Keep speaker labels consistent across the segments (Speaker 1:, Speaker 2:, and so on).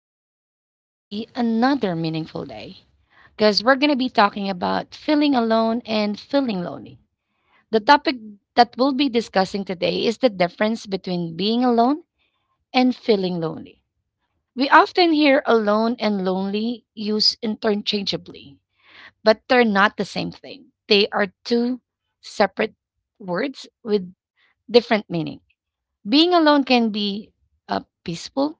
Speaker 1: Today is going to be another meaningful day because we're going to be talking about feeling alone and feeling lonely. The topic that we'll be discussing today is the difference between being alone and feeling lonely. We often hear alone and lonely used interchangeably, but they're not the same thing. They are two separate words with different meaning. Being alone can be peaceful,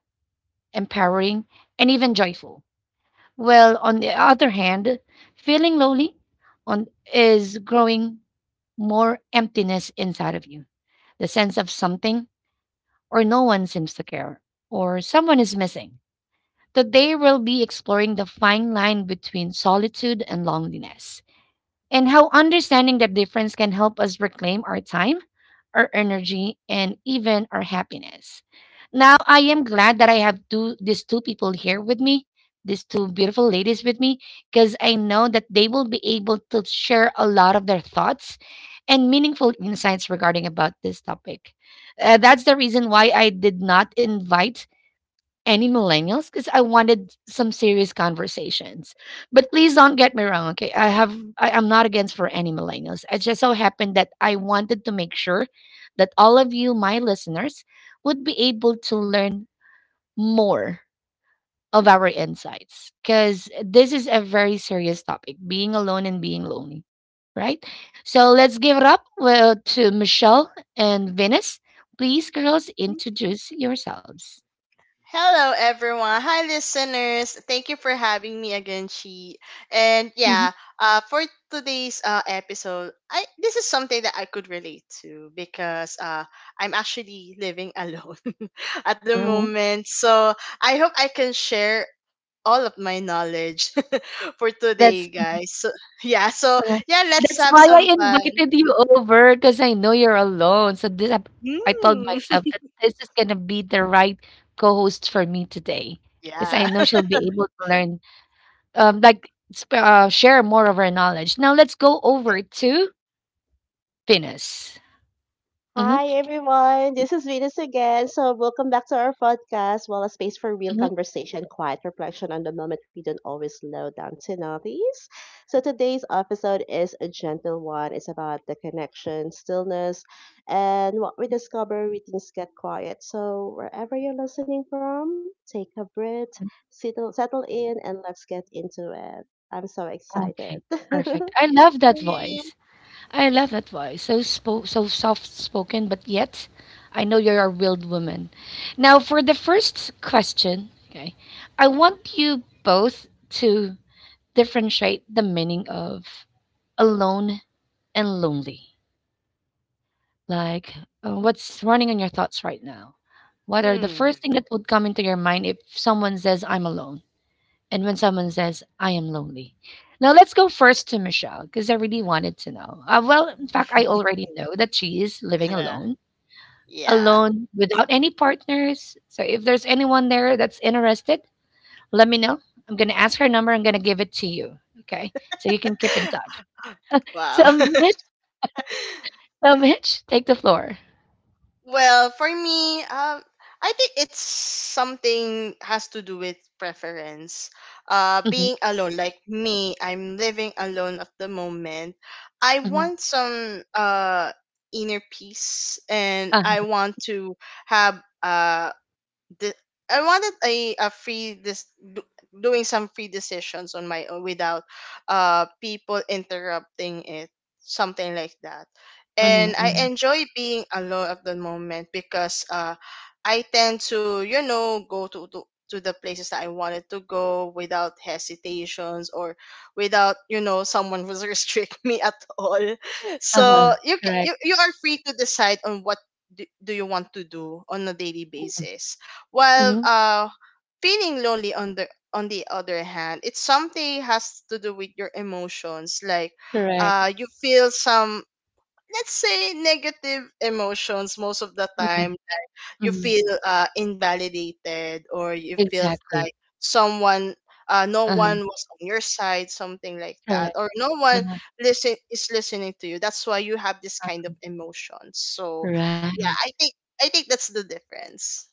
Speaker 1: empowering, and even joyful. Well, on the other hand, feeling lonely on is growing more emptiness inside of you. The sense of something, or no one seems to care, or someone is missing. Today we'll be exploring the fine line between solitude and loneliness, and how understanding that difference can help us reclaim our time, our energy, and even our happiness. Now, I am glad that I have these two people here with me, these two beautiful ladies with me, because I know that they will be able to share a lot of their thoughts and meaningful insights regarding about this topic. That's the reason why I did not invite any millennials, because I wanted some serious conversations. But please don't get me wrong, okay? I'm not against for any millennials. It just so happened that I wanted to make sure that all of you, my listeners, would be able to learn more of our insights. Cause this is a very serious topic, being alone and being lonely. Right? So let's give it up, well, to Michelle and Venus. Please, girls, introduce yourselves.
Speaker 2: Hello, everyone. Hi, listeners. Thank you for having me again, Chi. And
Speaker 1: Mhm.
Speaker 2: for today's episode, I this is something that I could relate to because I'm actually living alone at the
Speaker 1: Mhm.
Speaker 2: moment. So I hope I can share all of my knowledge for
Speaker 1: That's
Speaker 2: today, guys. So
Speaker 1: Uh,
Speaker 2: yeah, let's
Speaker 1: That's
Speaker 2: have
Speaker 1: why
Speaker 2: some
Speaker 1: I
Speaker 2: fun.
Speaker 1: invited you over, because I know you're alone. So I told
Speaker 2: Mm.
Speaker 1: myself that this is gonna be the right co-host for me today, because I
Speaker 2: Yeah.
Speaker 1: know she'll be able to learn, like, share more of her knowledge. Now let's go over to Venus. Hmm.
Speaker 3: Hi everyone, this is Venus again. So welcome back to our podcast. Well, a space for real
Speaker 1: Hmm.
Speaker 3: conversation, quiet reflection on the moment we don't always slow down to notice. So today's episode is a gentle one. It's about the connection, stillness, and what we discover when things get quiet. So wherever you're listening from, take a breath, settle in, and let's get into it. I'm so excited.
Speaker 1: Okay, perfect. I love that voice. I love that voice. So so soft spoken, but yet I know you're a real woman. Now for the first question, okay, I want you both to differentiate the meaning of alone and lonely. Like, what's running in your thoughts right now? What are the
Speaker 2: Hmm.
Speaker 1: first thing that would come into your mind if someone says I'm alone? And when someone says, I am lonely. Now, let's go first to Michelle, because I really wanted to know. Well, in fact, I already know that she is living
Speaker 2: Yeah.
Speaker 1: alone,
Speaker 2: Yeah.
Speaker 1: alone without any partners. So, if there's anyone there that's interested, let me know. I'm going to ask her number. I'm going to give it to you. Okay. So you can keep in touch. So,
Speaker 2: Wow.
Speaker 1: Mitch, Mitch, take the floor.
Speaker 2: For me, I think it's something has to do with preference.
Speaker 1: Mm-hmm.
Speaker 2: Being alone, like me, I'm living alone at the moment. I
Speaker 1: Mm-hmm.
Speaker 2: want some inner peace, and I
Speaker 1: Uh-huh.
Speaker 2: want to have the I wanted a free doing some free decisions on my own without people interrupting it, something like that.
Speaker 1: Mm-hmm.
Speaker 2: And I
Speaker 1: Mm-hmm.
Speaker 2: enjoy being alone at the moment because I tend to, go to the places that I wanted to go without hesitations, or without someone who's restrict me at all.
Speaker 1: Uh-huh.
Speaker 2: So you, ca-
Speaker 1: Correct.
Speaker 2: you are free to decide on what do you want to do on a daily
Speaker 1: Mm-hmm.
Speaker 2: basis. while
Speaker 1: Mm-hmm.
Speaker 2: uh feeling lonely on the other hand, it's something has to do with your emotions. Like
Speaker 1: Correct.
Speaker 2: uh you feel some, let's say, negative emotions most of the
Speaker 1: Mm-hmm.
Speaker 2: time. You
Speaker 1: Mm-hmm.
Speaker 2: feel invalidated, or you feel
Speaker 1: Exactly.
Speaker 2: like someone no
Speaker 1: Uh-huh.
Speaker 2: one was on your side, something like that.
Speaker 1: Correct.
Speaker 2: Or no one
Speaker 1: Uh-huh.
Speaker 2: listen is listening to you. That's why you have this kind of emotions. So
Speaker 1: Right.
Speaker 2: yeah, I think that's the difference.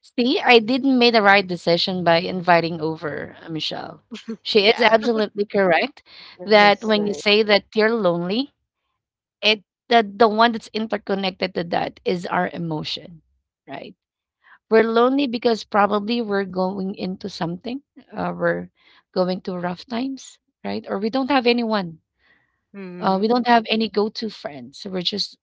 Speaker 1: See, I didn't make the right decision by inviting over Michelle. She is
Speaker 2: Yeah.
Speaker 1: absolutely correct that
Speaker 3: Nice,
Speaker 1: when you
Speaker 3: nice.
Speaker 1: say that you're lonely, it the, one that's interconnected to that is our emotion, right? We're lonely because probably we're going into something, we're going to rough times, right? Or we don't have anyone, we don't have any go to friends. So we're just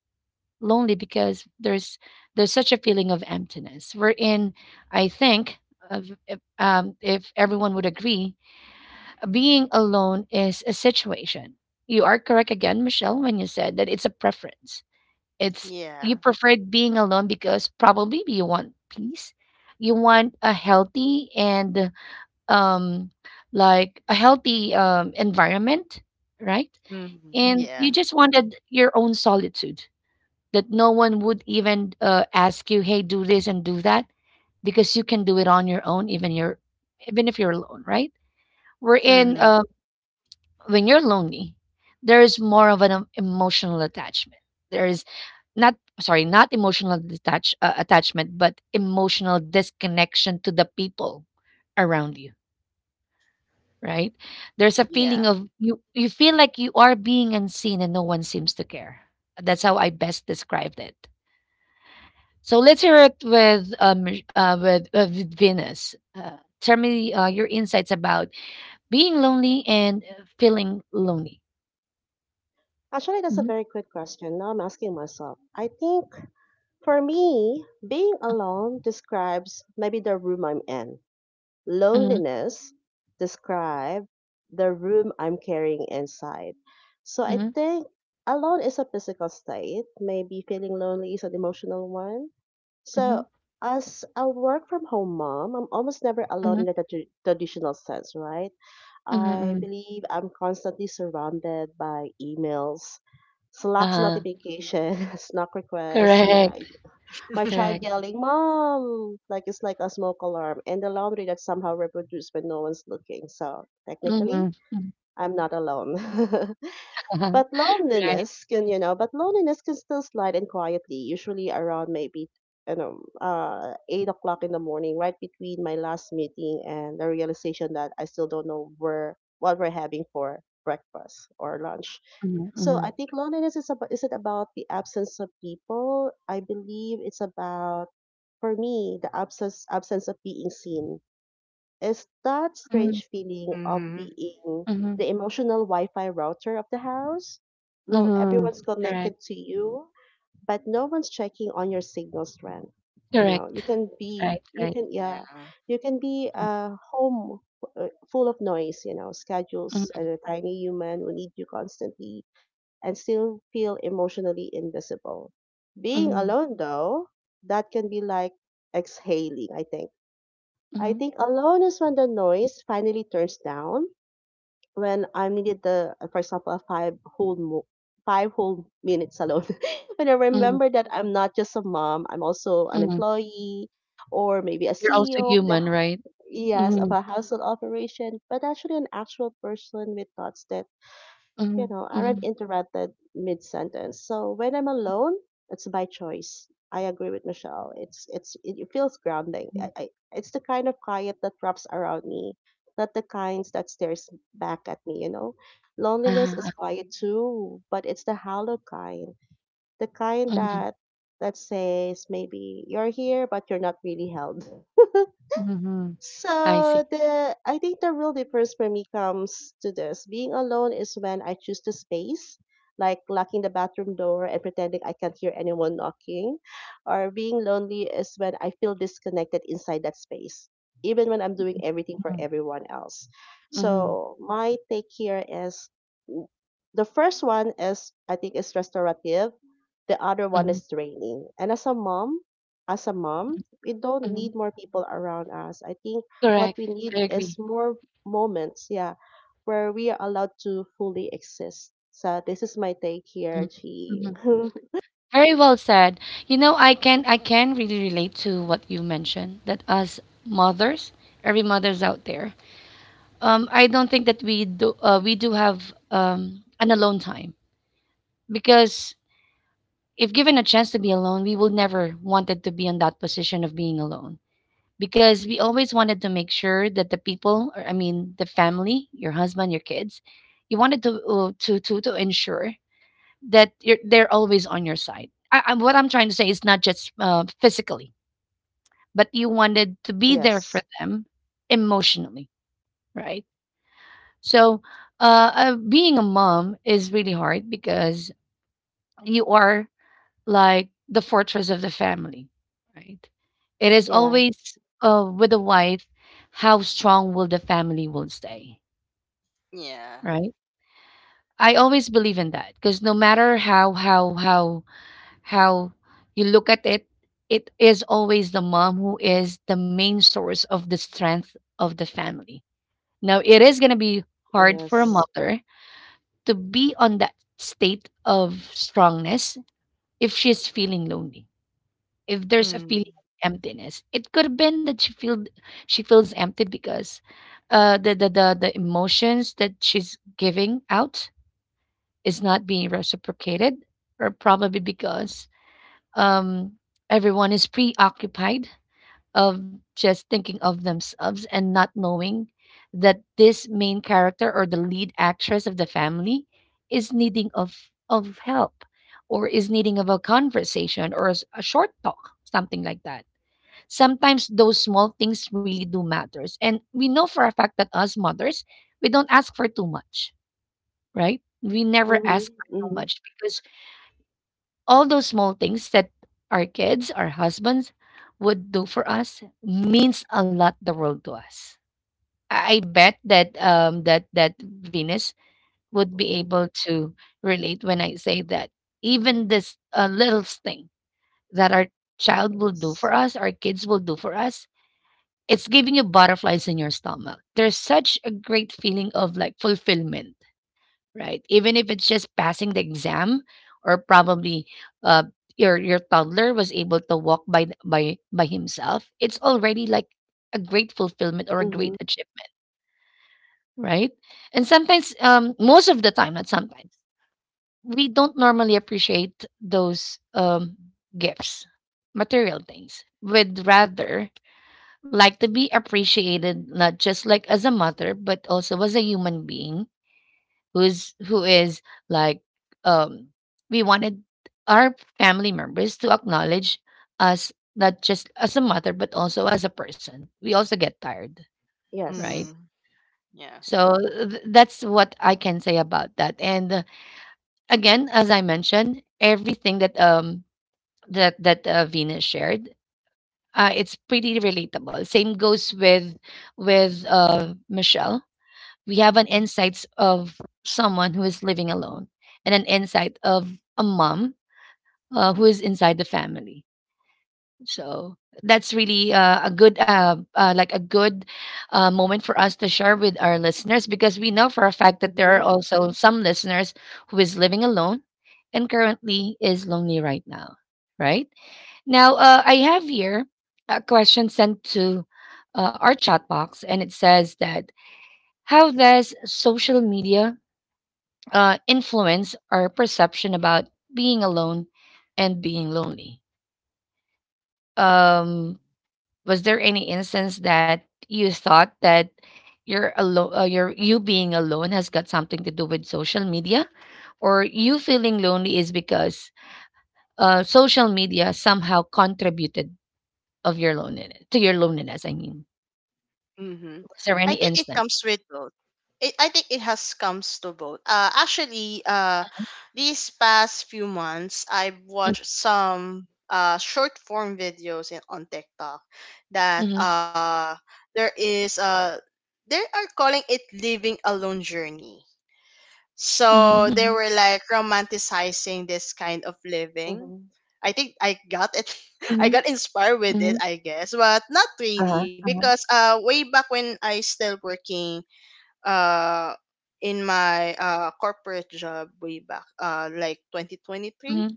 Speaker 1: lonely because there's such a feeling of emptiness. I think, of, if everyone would agree, being alone is a situation. You are correct again, Michelle, when you said that it's a preference. It's You
Speaker 2: Yeah.
Speaker 1: preferred being alone because probably you want peace. You want a healthy and, um like, a healthy environment, right? Mm.
Speaker 2: Mhm.
Speaker 1: And you
Speaker 2: Yeah.
Speaker 1: just wanted your own solitude, that no one would even ask you, "Hey, do this and do that," because you can do it on your own, even if you're alone, right? We're in
Speaker 2: Mm-hmm.
Speaker 1: When you're lonely, there is more of an emotional attachment. There is, not sorry, not emotional detach attachment, but emotional disconnection to the people around you, right? There's a feeling
Speaker 2: Yeah.
Speaker 1: of, you feel like you are being unseen and no one seems to care. That's how I best described it. So let's hear it with with Venus. Tell me your insights about being lonely and feeling lonely.
Speaker 3: Actually, that's a
Speaker 1: Mhm.
Speaker 3: very quick question. Now I'm asking myself. I think For me, being alone describes maybe the room I'm in.
Speaker 1: Mhm.
Speaker 3: Loneliness describes the room I'm carrying inside. So I
Speaker 1: Mhm.
Speaker 3: think alone is a physical state. Maybe feeling lonely is an emotional one. So
Speaker 1: Mhm.
Speaker 3: as a work from home mom, I'm almost never alone in
Speaker 1: Mhm.
Speaker 3: the traditional sense, right?
Speaker 1: Mhm.
Speaker 3: I
Speaker 1: Mhm.
Speaker 3: believe I'm constantly surrounded by emails, Slack's
Speaker 1: Uh-huh.
Speaker 3: notification, Slack requests,
Speaker 1: Correct.
Speaker 3: my child
Speaker 1: Correct.
Speaker 3: yelling, "Mom!" Like it's like a smoke alarm, and the laundry that somehow reproduced when no one's looking. So technically,
Speaker 1: Mm-hmm.
Speaker 3: I'm not alone.
Speaker 1: Uh-huh.
Speaker 3: but
Speaker 1: Right.
Speaker 3: loneliness can, you know, but loneliness can still slide in quietly, usually around maybe, 8 o'clock in the morning, right between my last meeting and the realization that I still don't know where what we're having for breakfast or lunch.
Speaker 1: Mm-hmm.
Speaker 3: So
Speaker 1: Mm-hmm.
Speaker 3: I think loneliness is about isn't about the absence of people. I believe it's about, for me, the absence of being seen. Is that
Speaker 1: Mm-hmm.
Speaker 3: strange feeling of
Speaker 2: Mm-hmm.
Speaker 3: being
Speaker 1: Mm-hmm.
Speaker 3: the emotional Wi-Fi router of the house. Well,
Speaker 1: Mm-hmm.
Speaker 3: everyone's
Speaker 1: Correct.
Speaker 3: connected to you, but no one's checking on your signal strength. You know, you
Speaker 1: Correct.
Speaker 3: can be,
Speaker 1: Right.
Speaker 3: you
Speaker 1: Right.
Speaker 3: can, yeah,
Speaker 2: Yeah.
Speaker 3: you can be home full of noise. You know, schedules
Speaker 1: Mm-hmm.
Speaker 3: and a tiny human who need you constantly, and still feel emotionally invisible. Being
Speaker 1: Mm-hmm.
Speaker 3: alone, though, that can be like exhaling, I think. I
Speaker 1: Mm-hmm.
Speaker 3: think alone is when the noise finally turns down, when I'm needed the, for example, a five whole mo- five whole minutes alone. When I
Speaker 1: Mm-hmm.
Speaker 3: remember that I'm not just a mom, I'm also an
Speaker 1: Mm-hmm.
Speaker 3: employee or maybe a
Speaker 1: You're also
Speaker 3: CEO of the
Speaker 1: human, right?
Speaker 3: yes of
Speaker 1: Mm-hmm.
Speaker 3: a household operation, but actually an actual person with thoughts that, you
Speaker 1: Mm-hmm.
Speaker 3: know, aren't
Speaker 1: Mm-hmm.
Speaker 3: interrupted mid sentence. So when I'm alone, it's by choice. I agree with Michelle. It feels grounding. I,
Speaker 1: Mm-hmm.
Speaker 3: I, it's the kind of quiet that wraps around me, not the kinds that stares back at me. You know,
Speaker 1: Uh-huh.
Speaker 3: loneliness
Speaker 1: Uh-huh.
Speaker 3: is quiet too, but it's the hollow kind, the kind
Speaker 1: Mm-hmm.
Speaker 3: that that says maybe you're here but you're not really held.
Speaker 1: Mhm. I
Speaker 3: So
Speaker 1: see.
Speaker 3: the I think the real difference for me comes to this. Being alone is when I choose the space, like locking the bathroom door and pretending I can't hear anyone knocking. Or being lonely is when I feel disconnected inside that space, even when I'm doing everything for
Speaker 1: Mhm.
Speaker 3: everyone else.
Speaker 1: Mhm.
Speaker 3: So my take here is w- the first one is, I think, is restorative, the other one
Speaker 1: Mhm.
Speaker 3: is draining. And as a mom, we don't
Speaker 1: Mhm.
Speaker 3: need more people around us. I think what
Speaker 1: Correct.
Speaker 3: we need
Speaker 1: I
Speaker 3: is
Speaker 1: agree.
Speaker 3: more moments, yeah, where we are allowed to fully exist. So this is my take
Speaker 1: Mhm.
Speaker 3: here, Chi.
Speaker 1: Mhm. Very well said. You know, I can really relate to what you mentioned, that as mothers, every mother's out there. I don't think that we do have an alone time, because if given a chance to be alone, we will never wanted to be in that position of being alone, because we always wanted to make sure that the people, or I mean the family, your husband, your kids, you wanted to, to ensure that you're, they're always on your side. What I'm trying to say is not just physically, but you wanted to be there for
Speaker 3: Yes.
Speaker 1: them emotionally, right? So, being a mom is really hard, because you are like the fortress of the family, right? It is
Speaker 3: Yeah.
Speaker 1: always with the wife, how strong will the family will stay,
Speaker 2: Yeah.
Speaker 1: right? I always believe in that, because no matter how you look at it, it is always the mom who is the main source of the strength of the family. Now it is gonna be hard for a
Speaker 3: Yes.
Speaker 1: mother to be on that state of strongness if she's feeling lonely, if there's a
Speaker 2: Mm-hmm.
Speaker 1: feeling of emptiness. It could have been that she feels empty because the emotions that she's giving out is not being reciprocated, or probably because um everyone is preoccupied of just thinking of themselves, and not knowing that this main character, or the lead actress of the family, is needing of help, or is needing of a conversation, or a short talk, something like that. Sometimes those small things really do matters, and we know for a fact that us mothers, we don't ask for too much, right? We never
Speaker 3: Mhm.
Speaker 1: ask for too
Speaker 3: Mhm.
Speaker 1: much, because all those small things that our kids, our husbands would do for us means a lot, the world to us. I bet that, that Venus would be
Speaker 3: Mhm.
Speaker 1: able to relate when I say that even this little thing that our child will do
Speaker 3: Yes.
Speaker 1: for us, our kids will do for us. It's giving you butterflies in your stomach. There's such a great feeling of like fulfillment, right? Even if it's just passing the exam, or probably, uh, your toddler was able to walk by th- by himself. It's already like a great fulfillment, or a great
Speaker 3: Mhm.
Speaker 1: achievement, right? And sometimes, most of the time, not sometimes, we don't normally appreciate those gifts, material things. With rather, like, to be appreciated not just like as a mother, but also as a human being who is, like, um we wanted our family members to acknowledge us, not just as a mother, but also as a person. We also get tired, right?
Speaker 3: Yes.
Speaker 2: Mm-hmm. Yeah.
Speaker 1: So that's what I can say about that. And again, as I mentioned, everything that, Venus shared, it's pretty relatable. Same goes with with Michelle. We have an insights of someone who is living alone, and an insight of a mom, who is inside the family. So that's really a good, like a good moment for us to share with our listeners, because we know for a fact that there are
Speaker 3: Mhm.
Speaker 1: also some listeners who is living alone, and currently is lonely right now. right I have here a question sent to our chat box, and it says that, how does social media influence our perception about being alone and being lonely. Um, was there any instance that you thought that you being alone has got something to do with social media, or you feeling lonely is because social media somehow contributed of your loneliness, to your loneliness? I mean,
Speaker 2: Mm-hmm.
Speaker 1: was there
Speaker 2: I
Speaker 1: any
Speaker 2: think it
Speaker 1: instance?
Speaker 2: comes with both. It, I think it has comes to both. Actually, These past few months, I've watched some short form videos on TikTok that
Speaker 1: Mm-hmm.
Speaker 2: there is they are calling it living alone journey.
Speaker 1: Mm-hmm. Mm-hmm.
Speaker 2: So they were like romanticizing this kind of living.
Speaker 3: Mhm.
Speaker 2: I think I got it.
Speaker 1: Mm-hmm.
Speaker 2: I got
Speaker 1: Mm-hmm.
Speaker 2: inspired
Speaker 1: Mm-hmm.
Speaker 2: with it, I guess, but not
Speaker 1: Uh-huh.
Speaker 2: really,
Speaker 1: Uh-huh.
Speaker 2: because way back when I still working uh in my corporate job, way back like
Speaker 1: Mm-hmm.
Speaker 2: 2023.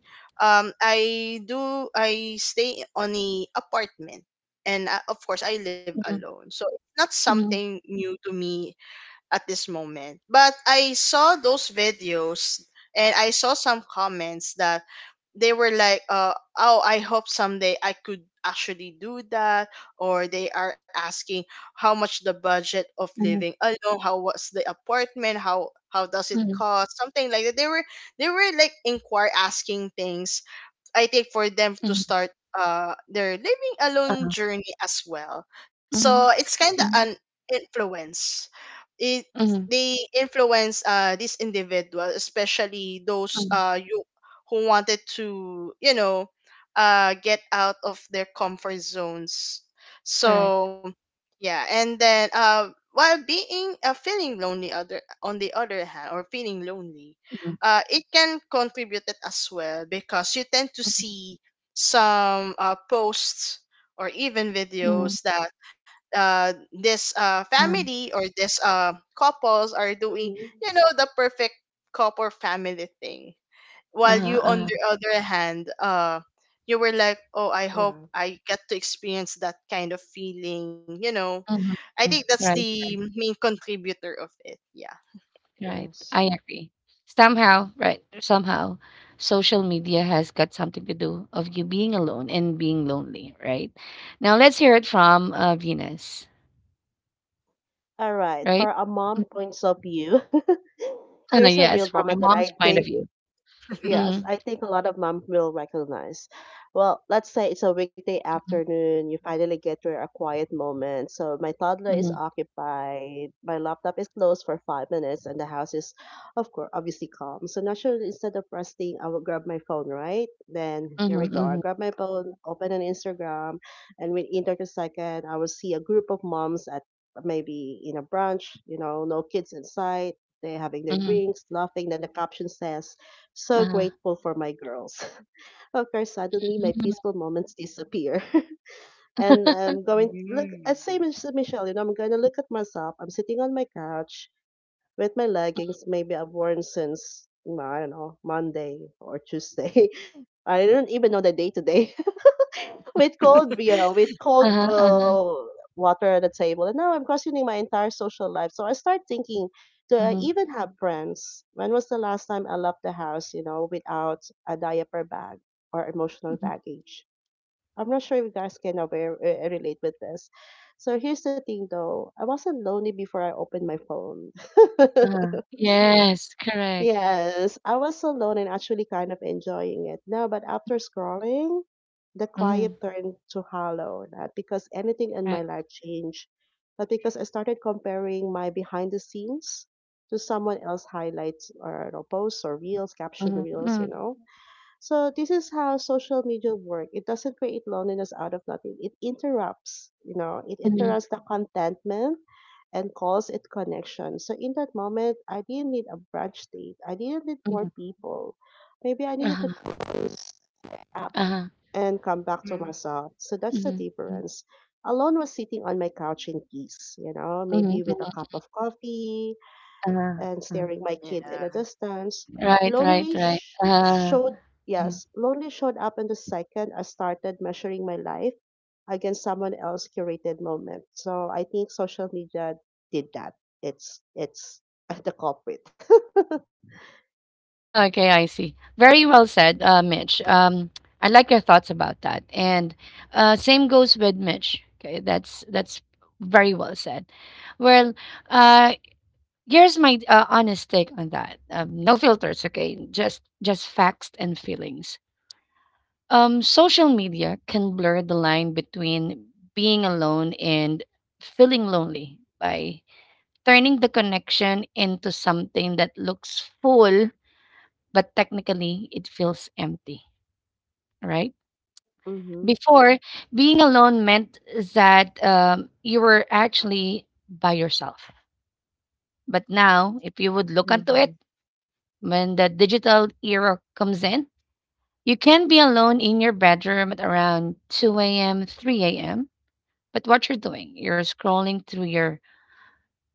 Speaker 2: I stay on a apartment, and of course, I live
Speaker 1: Mm-hmm.
Speaker 2: alone, so it's not
Speaker 1: Mm-hmm.
Speaker 2: something new to me at this moment. But I saw those videos, and I saw some comments that they were like, oh, I hope someday I could actually do that. Or they are asking how much the budget of
Speaker 1: Mm-hmm.
Speaker 2: living alone, how was the apartment, how does it
Speaker 1: Mm-hmm.
Speaker 2: cost, something like that. They were, they were like inquire asking things. I think for them
Speaker 1: Mm-hmm.
Speaker 2: to start their living alone journey as well.
Speaker 1: Mhm.
Speaker 2: So it's kind
Speaker 1: Mhm.
Speaker 2: of an influence. It
Speaker 1: Mhm.
Speaker 2: They influence this individual, especially
Speaker 1: Mhm.
Speaker 2: those you who wanted to, you know, get out of their comfort zones.
Speaker 1: Correct.
Speaker 2: So yeah. And then while being feeling lonely other on the other hand, or feeling lonely,
Speaker 1: Mhm.
Speaker 2: it can contribute it as well, because you tend to see some posts or even
Speaker 1: Mhm.
Speaker 2: videos that this
Speaker 1: Uh,
Speaker 2: family or this couples are doing,
Speaker 3: Mhm.
Speaker 2: you know, the perfect couple family thing. While
Speaker 1: uh-huh.
Speaker 2: you, on
Speaker 1: Uh-huh.
Speaker 2: the other hand, you were like, oh, I hope
Speaker 3: Yeah.
Speaker 2: I get to experience that kind of feeling. You know,
Speaker 1: Uh-huh.
Speaker 2: I think
Speaker 1: Mhm. Mhm.
Speaker 2: that's
Speaker 1: Right,
Speaker 2: the main contributor of it. Yeah.
Speaker 1: right.
Speaker 3: Yes.
Speaker 1: I agree. Somehow, right, somehow social media has got something to do of you being alone and being lonely, right? Now let's hear it from Venus,
Speaker 3: All right. For
Speaker 1: right?
Speaker 3: a mom
Speaker 1: Mm.
Speaker 3: points of view, here's a
Speaker 1: Yes,
Speaker 3: real
Speaker 1: from your
Speaker 3: moment that
Speaker 1: mom's
Speaker 3: I
Speaker 1: point of
Speaker 3: think
Speaker 1: view.
Speaker 3: Yes,
Speaker 1: Mhm.
Speaker 3: I think a lot of mom will recognize. Well, let's say it's a weekday
Speaker 1: Mhm.
Speaker 3: afternoon, you finally get your a quiet moment. So my toddler is
Speaker 1: Mhm.
Speaker 3: occupied, my laptop is closed for 5 minutes, and the house is, of course, obviously calm. So naturally, instead of resting, I will grab my phone, right? Then
Speaker 1: Mhm.
Speaker 3: here we go. I
Speaker 1: Mhm.
Speaker 3: grab my phone, open an Instagram, and within 30 seconds, I will see a group of moms at maybe in a brunch, you know, no kids in sight. They're having their
Speaker 1: Mhm.
Speaker 3: drinks, laughing. Then the caption says, "So
Speaker 1: Uh-huh.
Speaker 3: grateful for my girls." Of course, suddenly my
Speaker 1: Mhm.
Speaker 3: peaceful moments disappear. And I'm going look
Speaker 2: Mm.
Speaker 3: same as Michelle. You know, I'm gonna look at myself. I'm sitting on my couch with my leggings maybe I've worn since I don't know, Monday or Tuesday. I don't even know the day today, with cold, you know, with cold
Speaker 1: Uh-huh. Uh-huh.
Speaker 3: water at the table, and now I'm questioning my entire social life. So I start thinking, do I
Speaker 1: Mhm.
Speaker 3: even have friends? When was the last time I left the house, you know, without a diaper bag or emotional
Speaker 1: Mhm.
Speaker 3: baggage? I'm not sure if you guys can relate with this. So here's the thing, though, I wasn't lonely before I opened my phone.
Speaker 1: Uh-huh. Yes, correct.
Speaker 3: Yes, I was so alone and actually kind of enjoying it. No, but after scrolling, the
Speaker 1: Mm-hmm.
Speaker 3: quiet turned to hollow, not because anything in my life changed, but because I started comparing my behind the scenes to someone else highlights, or you know, posts or reels, caption
Speaker 1: Mhm,
Speaker 3: reels, you
Speaker 1: mm,
Speaker 3: know. So this is how social media work. It doesn't create loneliness out of nothing. It interrupts, you know, it
Speaker 1: mhm,
Speaker 3: interrupts the contentment and calls it connection. So in that moment, I didn't need a brunch date. I didn't need more
Speaker 1: mhm.
Speaker 3: people. Maybe I needed to
Speaker 1: Uh-huh,
Speaker 3: close the app
Speaker 1: uh-huh.
Speaker 3: and come back to
Speaker 2: Mm.
Speaker 3: myself. So that's the
Speaker 1: Mhm, mm,
Speaker 3: difference. Alone was sitting on my couch in peace, you know,
Speaker 1: mhm,
Speaker 3: maybe
Speaker 1: mhm.
Speaker 3: with a cup of coffee,
Speaker 1: Uh-huh,
Speaker 3: and
Speaker 1: uh.
Speaker 3: staring my kid in
Speaker 2: Yeah.
Speaker 3: the distance.
Speaker 1: Right, right,
Speaker 3: Lonely
Speaker 1: right.
Speaker 3: sh-
Speaker 1: Uh-huh,
Speaker 3: showed,
Speaker 1: uh-huh.
Speaker 3: yes, lonely showed up in the second I started measuring my life against someone else curated moment. So I think social media did that. It's the culprit.
Speaker 1: Oh, okay, I see. Very well said, Mitch. I like your thoughts about that. And same goes with Mitch. Okay, that's very well said. Well, uh, here's my honest take on that. No filters, okay? Just facts and feelings. Social media can blur the line between being alone and feeling lonely by turning the connection into something that looks full, but technically it feels empty, right?
Speaker 3: Mm-hmm,
Speaker 1: Before, being alone meant that you were actually by yourself. But now, if you would look into it,
Speaker 2: Hmm.
Speaker 1: when the digital era comes in, you can be alone in your bedroom at around 2 a.m., 3 a.m. But what you're doing, you're scrolling through your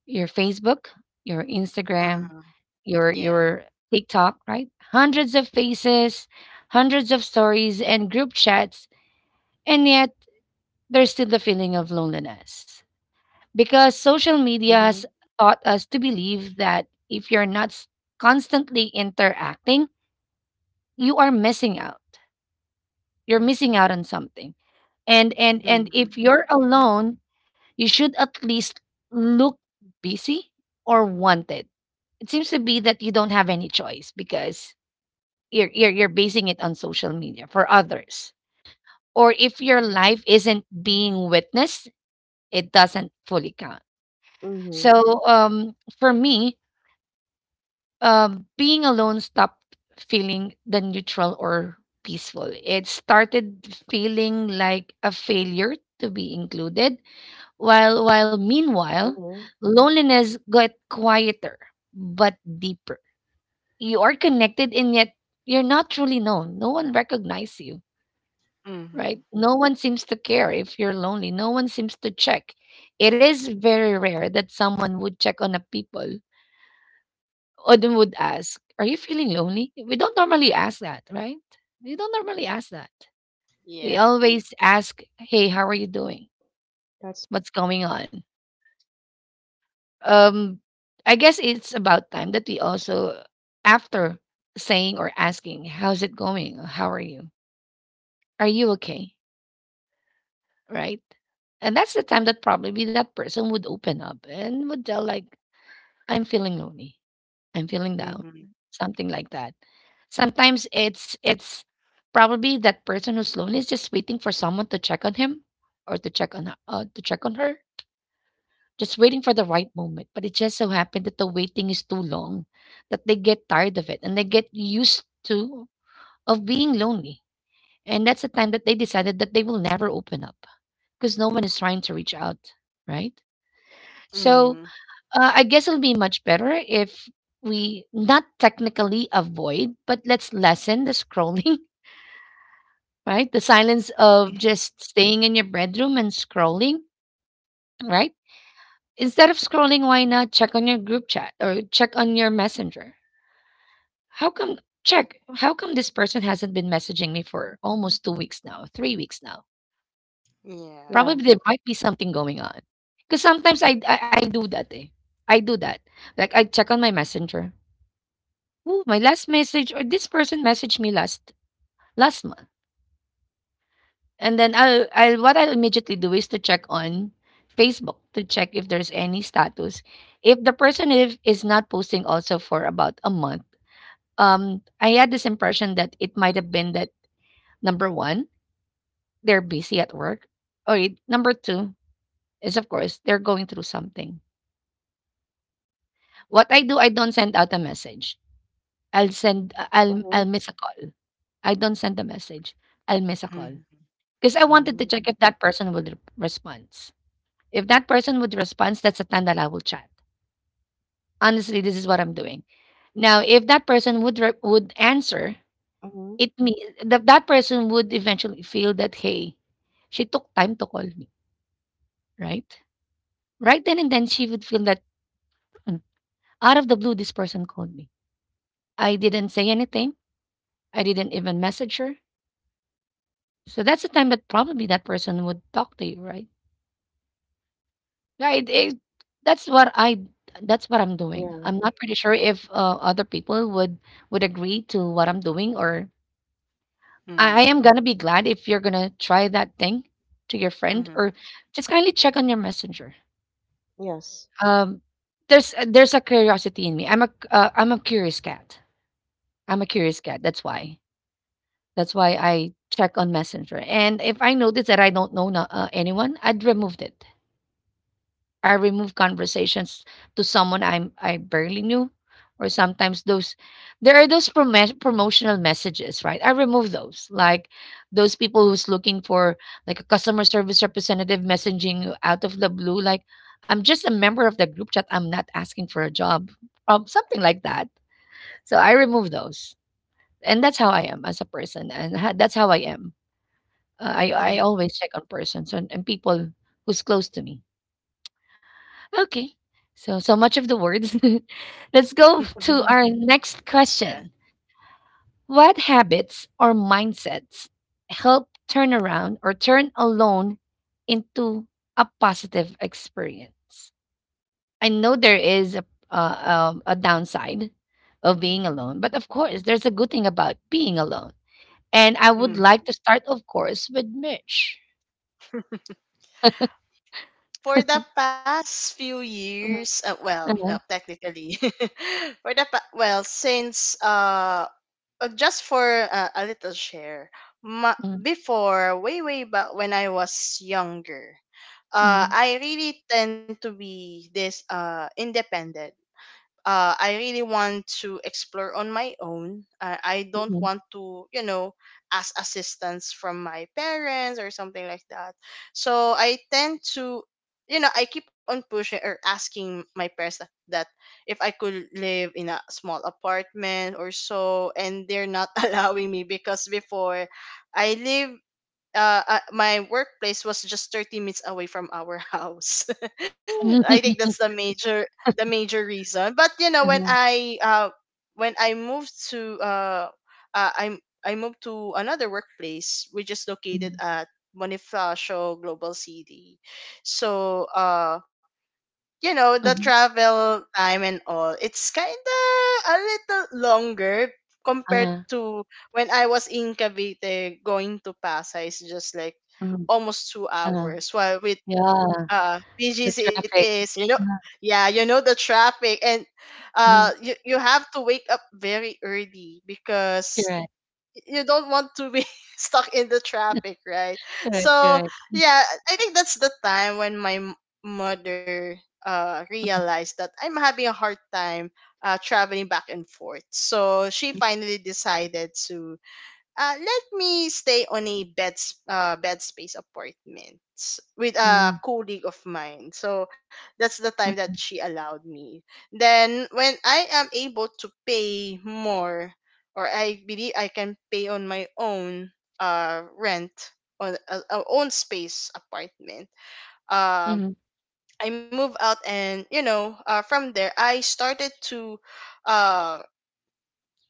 Speaker 1: your Facebook, your Instagram,
Speaker 2: Uh,
Speaker 1: your
Speaker 2: yeah.
Speaker 1: your TikTok, right? Hundreds of faces, hundreds of stories and group chats, and yet there's still the feeling of loneliness. Because social media
Speaker 3: mm-hmm,
Speaker 1: has taught us to believe that if you're not s- constantly interacting, you are missing out. You're missing out on something, and
Speaker 2: Hmm.
Speaker 1: if you're alone you should at least look busy or wanted. It seems to be that you don't have any choice because you're basing it on social media for others, or if your life isn't being witnessed it doesn't fully count.
Speaker 3: mm-hmm,
Speaker 1: So for me, being alone stopped feeling the neutral or peaceful. It started feeling like a failure to be included. While Meanwhile,
Speaker 3: mm-hmm.
Speaker 1: loneliness got quieter but deeper. You are connected and yet you're not truly known. No one recognizes you,
Speaker 2: Hmm.
Speaker 1: right? No one seems to care if you're lonely. No one seems to check. It is very rare that someone would check on a people or they would ask, "Are you feeling lonely?" We don't normally ask that, right? We don't normally ask that. We
Speaker 2: Yeah.
Speaker 1: always ask, "Hey, how are you doing?
Speaker 3: That's
Speaker 1: What's going on?" um I guess it's about time that we also, after saying or asking "How's it going? How are you? Are you okay?", right, and that's the time that probably that person would open up and would tell like "I'm feeling lonely, I'm feeling down,"
Speaker 2: Hmm.
Speaker 1: something like that. Sometimes it's probably that person who's lonely is just waiting for someone to check on him or to check on her, to check on her, just waiting for the right moment. But it just so happened that the waiting is too long, that they get tired of it and they get used to of being lonely. And that's the time that they decided that they will never open up because no one is trying to reach out, right? So
Speaker 2: Hmm.
Speaker 1: I guess it'll be much better if we not technically avoid, but let's lessen the scrolling, right? The silence of just staying in your bedroom and scrolling, right? Instead of scrolling, why not check on your group chat or check on your messenger? How come check? How come this person hasn't been messaging me for almost 2 weeks now, 3 weeks now?
Speaker 2: Yeah.
Speaker 3: yeah.
Speaker 1: Probably there might be something going on. Because sometimes I do that. Eh. I do that. Like I check on my messenger. Ooh, my last message, or this person messaged me last month. And then I'll what I'll immediately do is to check on Facebook to check if there's any status. If the person, if, is not posting also for about a month, I had this impression that it might have been that, number one, they're busy at work. Number two is, of course, they're going through something. What I do, I don't send out a message.
Speaker 3: Mm-hmm,
Speaker 1: I'll miss a call. I don't send a message. I'll miss a call.
Speaker 2: Hmm.
Speaker 1: Because I wanted to check
Speaker 2: Mm.
Speaker 1: if that person would respond. If that person would respond, that's the time that I will chat. Honestly, this is what I'm doing. Now, if that person would would answer,
Speaker 3: mm-hmm,
Speaker 1: it means that that person would eventually feel that, "Hey, she took time to call me," right? Right then and then, she would feel that, "Mm, out of the blue, this person called me. I didn't say anything. I didn't even message her." So that's the time that probably that person would talk to you, right? Right, it that's what I that's what I'm doing.
Speaker 3: yeah.
Speaker 1: I'm not pretty sure if, other people would agree to what I'm doing, or I am
Speaker 2: Mm.
Speaker 1: gonna be glad if you're gonna try that thing to your friend
Speaker 2: Mhm.
Speaker 1: or just kindly check on your messenger.
Speaker 3: Yes.
Speaker 1: Um, there's there's a curiosity in me. I'm a curious cat. I'm a curious cat. That's why. That's why I check on Messenger. And if I notice that I don't know anyone, I'd remove it. I remove conversations to someone I barely knew, or sometimes those, there are those promotional messages, right? I remove those, like those people who's looking for like a customer service representative messaging you out of the blue, like I'm just a member of the group chat. I'm not asking for a job, something like that. So I remove those, and that's how I am as a person, and that's how I am. Uh, I I
Speaker 2: Mm.
Speaker 1: always check on persons and people who's close to me. Okay. So, so much of the words. Let's go to
Speaker 3: Mm-hmm,
Speaker 1: our next
Speaker 2: Yeah.
Speaker 1: question. What habits or mindsets help turn around or turn a loan into a positive experience? I know there is a, a downside of being alone, but of course, there's a good thing about being alone. And I would
Speaker 2: Mm.
Speaker 1: like to start, of course, with Mitch.
Speaker 2: For the past few
Speaker 1: Mhm,
Speaker 2: years, well,
Speaker 1: mhm,
Speaker 2: technically, for the pa- well, since just for a little share,
Speaker 1: mhm,
Speaker 2: before, way way back when I was younger,
Speaker 1: mhm,
Speaker 2: I really tend to be this independent. Uh, I really want to explore on my own. I don't
Speaker 1: mhm,
Speaker 2: want to, you know, ask assistance from my parents or something like that. So I tend to, you know, I keep on pushing or asking my parents that if I could live in a small apartment or so, and they're not allowing me because before I live my workplace was just 30 minutes away from our house. I think that's the major reason. But you know,
Speaker 1: mhm, mhm,
Speaker 2: when I moved to uh I I moved to another workplace, which is located
Speaker 1: mhm,
Speaker 2: at Bonifacio Global City. So you know, the
Speaker 1: mhm,
Speaker 2: travel time and all, it's kind of a little longer compared
Speaker 1: uh,
Speaker 2: to when I was in Cavite going to Pasay. It's just like
Speaker 1: mhm.
Speaker 2: almost two
Speaker 1: Uh.
Speaker 2: hours while with
Speaker 1: Yeah, the
Speaker 2: BGS, it
Speaker 1: traffic.
Speaker 2: is, you know,
Speaker 1: Uh-huh.
Speaker 2: yeah, you know, the traffic, and
Speaker 1: Mhm.
Speaker 2: you, you have to wake up very early because
Speaker 1: Correct.
Speaker 2: you don't want to be stuck in the traffic, right?
Speaker 1: Correct,
Speaker 2: So
Speaker 1: correct.
Speaker 2: yeah, I think that's the time when my mother realized that I'm having a hard time traveling back and forth. So she finally decided to let me stay on a bed space apartment with a
Speaker 1: Mm,
Speaker 2: colleague of mine. So that's the time that
Speaker 1: mhm,
Speaker 2: she allowed me. Then when I am able to pay more, or I believe I can pay on my own rent on a own space apartment. Um,
Speaker 1: mhm,
Speaker 2: I move out, and you know, from there I started to um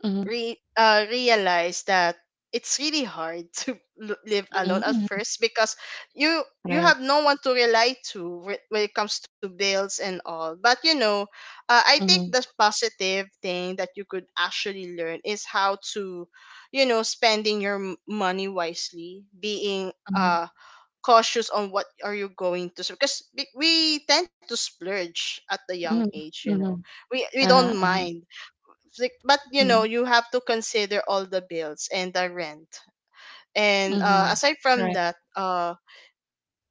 Speaker 1: mhm, mhm,
Speaker 2: realize that it's really hard to live
Speaker 1: mhm,
Speaker 2: alone at
Speaker 1: mhm.
Speaker 2: first, because you
Speaker 1: Right.
Speaker 2: have no one to rely to when it comes to bills and all. But you know, I think the
Speaker 1: Mhm,
Speaker 2: positive thing that you could actually learn is how to, you know, spending your money wisely, being
Speaker 1: mhm,
Speaker 2: cautious on what are you going to, because we tend to splurge at the young
Speaker 1: mhm,
Speaker 2: age, you know.
Speaker 1: mhm.
Speaker 2: We we don't
Speaker 1: Uh-huh, uh-huh.
Speaker 2: mind, like, but you know,
Speaker 1: Mhm,
Speaker 2: you have to consider all the bills and the rent. And
Speaker 1: mhm.
Speaker 2: aside from
Speaker 1: Correct.
Speaker 2: that, uh,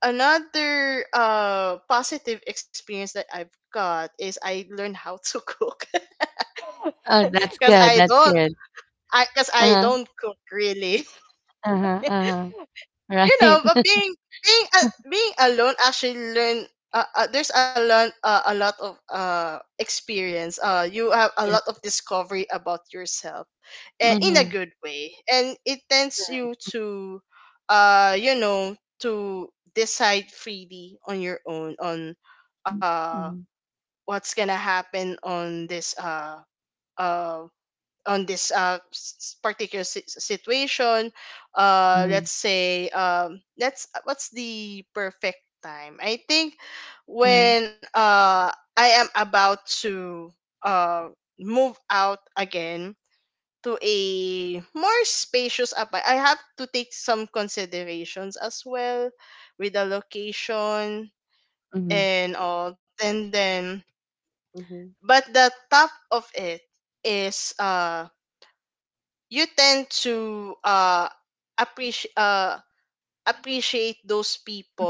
Speaker 2: another uh, positive experience that I've got is I learned how to cook.
Speaker 1: Oh, that's
Speaker 2: Because
Speaker 1: good,
Speaker 2: I
Speaker 1: that's
Speaker 2: don't
Speaker 1: good.
Speaker 2: I because I
Speaker 1: Uh-huh,
Speaker 2: don't cook really.
Speaker 1: uh-huh, uh-huh.
Speaker 2: You
Speaker 1: Right.
Speaker 2: know, but being alone actually learn. There's a lot, a lot of experience. You have a
Speaker 1: Correct.
Speaker 2: lot of discovery about yourself, in a
Speaker 1: Mhm.
Speaker 2: good way. And it tends
Speaker 1: Correct.
Speaker 2: you to, to decide freely on your own on
Speaker 1: Mm,
Speaker 2: uh
Speaker 1: mhm,
Speaker 2: what's gonna happen uh on this particular situation.
Speaker 1: mhm,
Speaker 2: Let's say let's What's the perfect time? I think
Speaker 1: mhm,
Speaker 2: when I am about to uh move out again to a more spacious apartment, I have to take some considerations as well, with the location
Speaker 1: mhm,
Speaker 2: and all. And then,
Speaker 3: mm-hmm.
Speaker 2: but the top of it is, you tend to, appreciate uh, appreciate those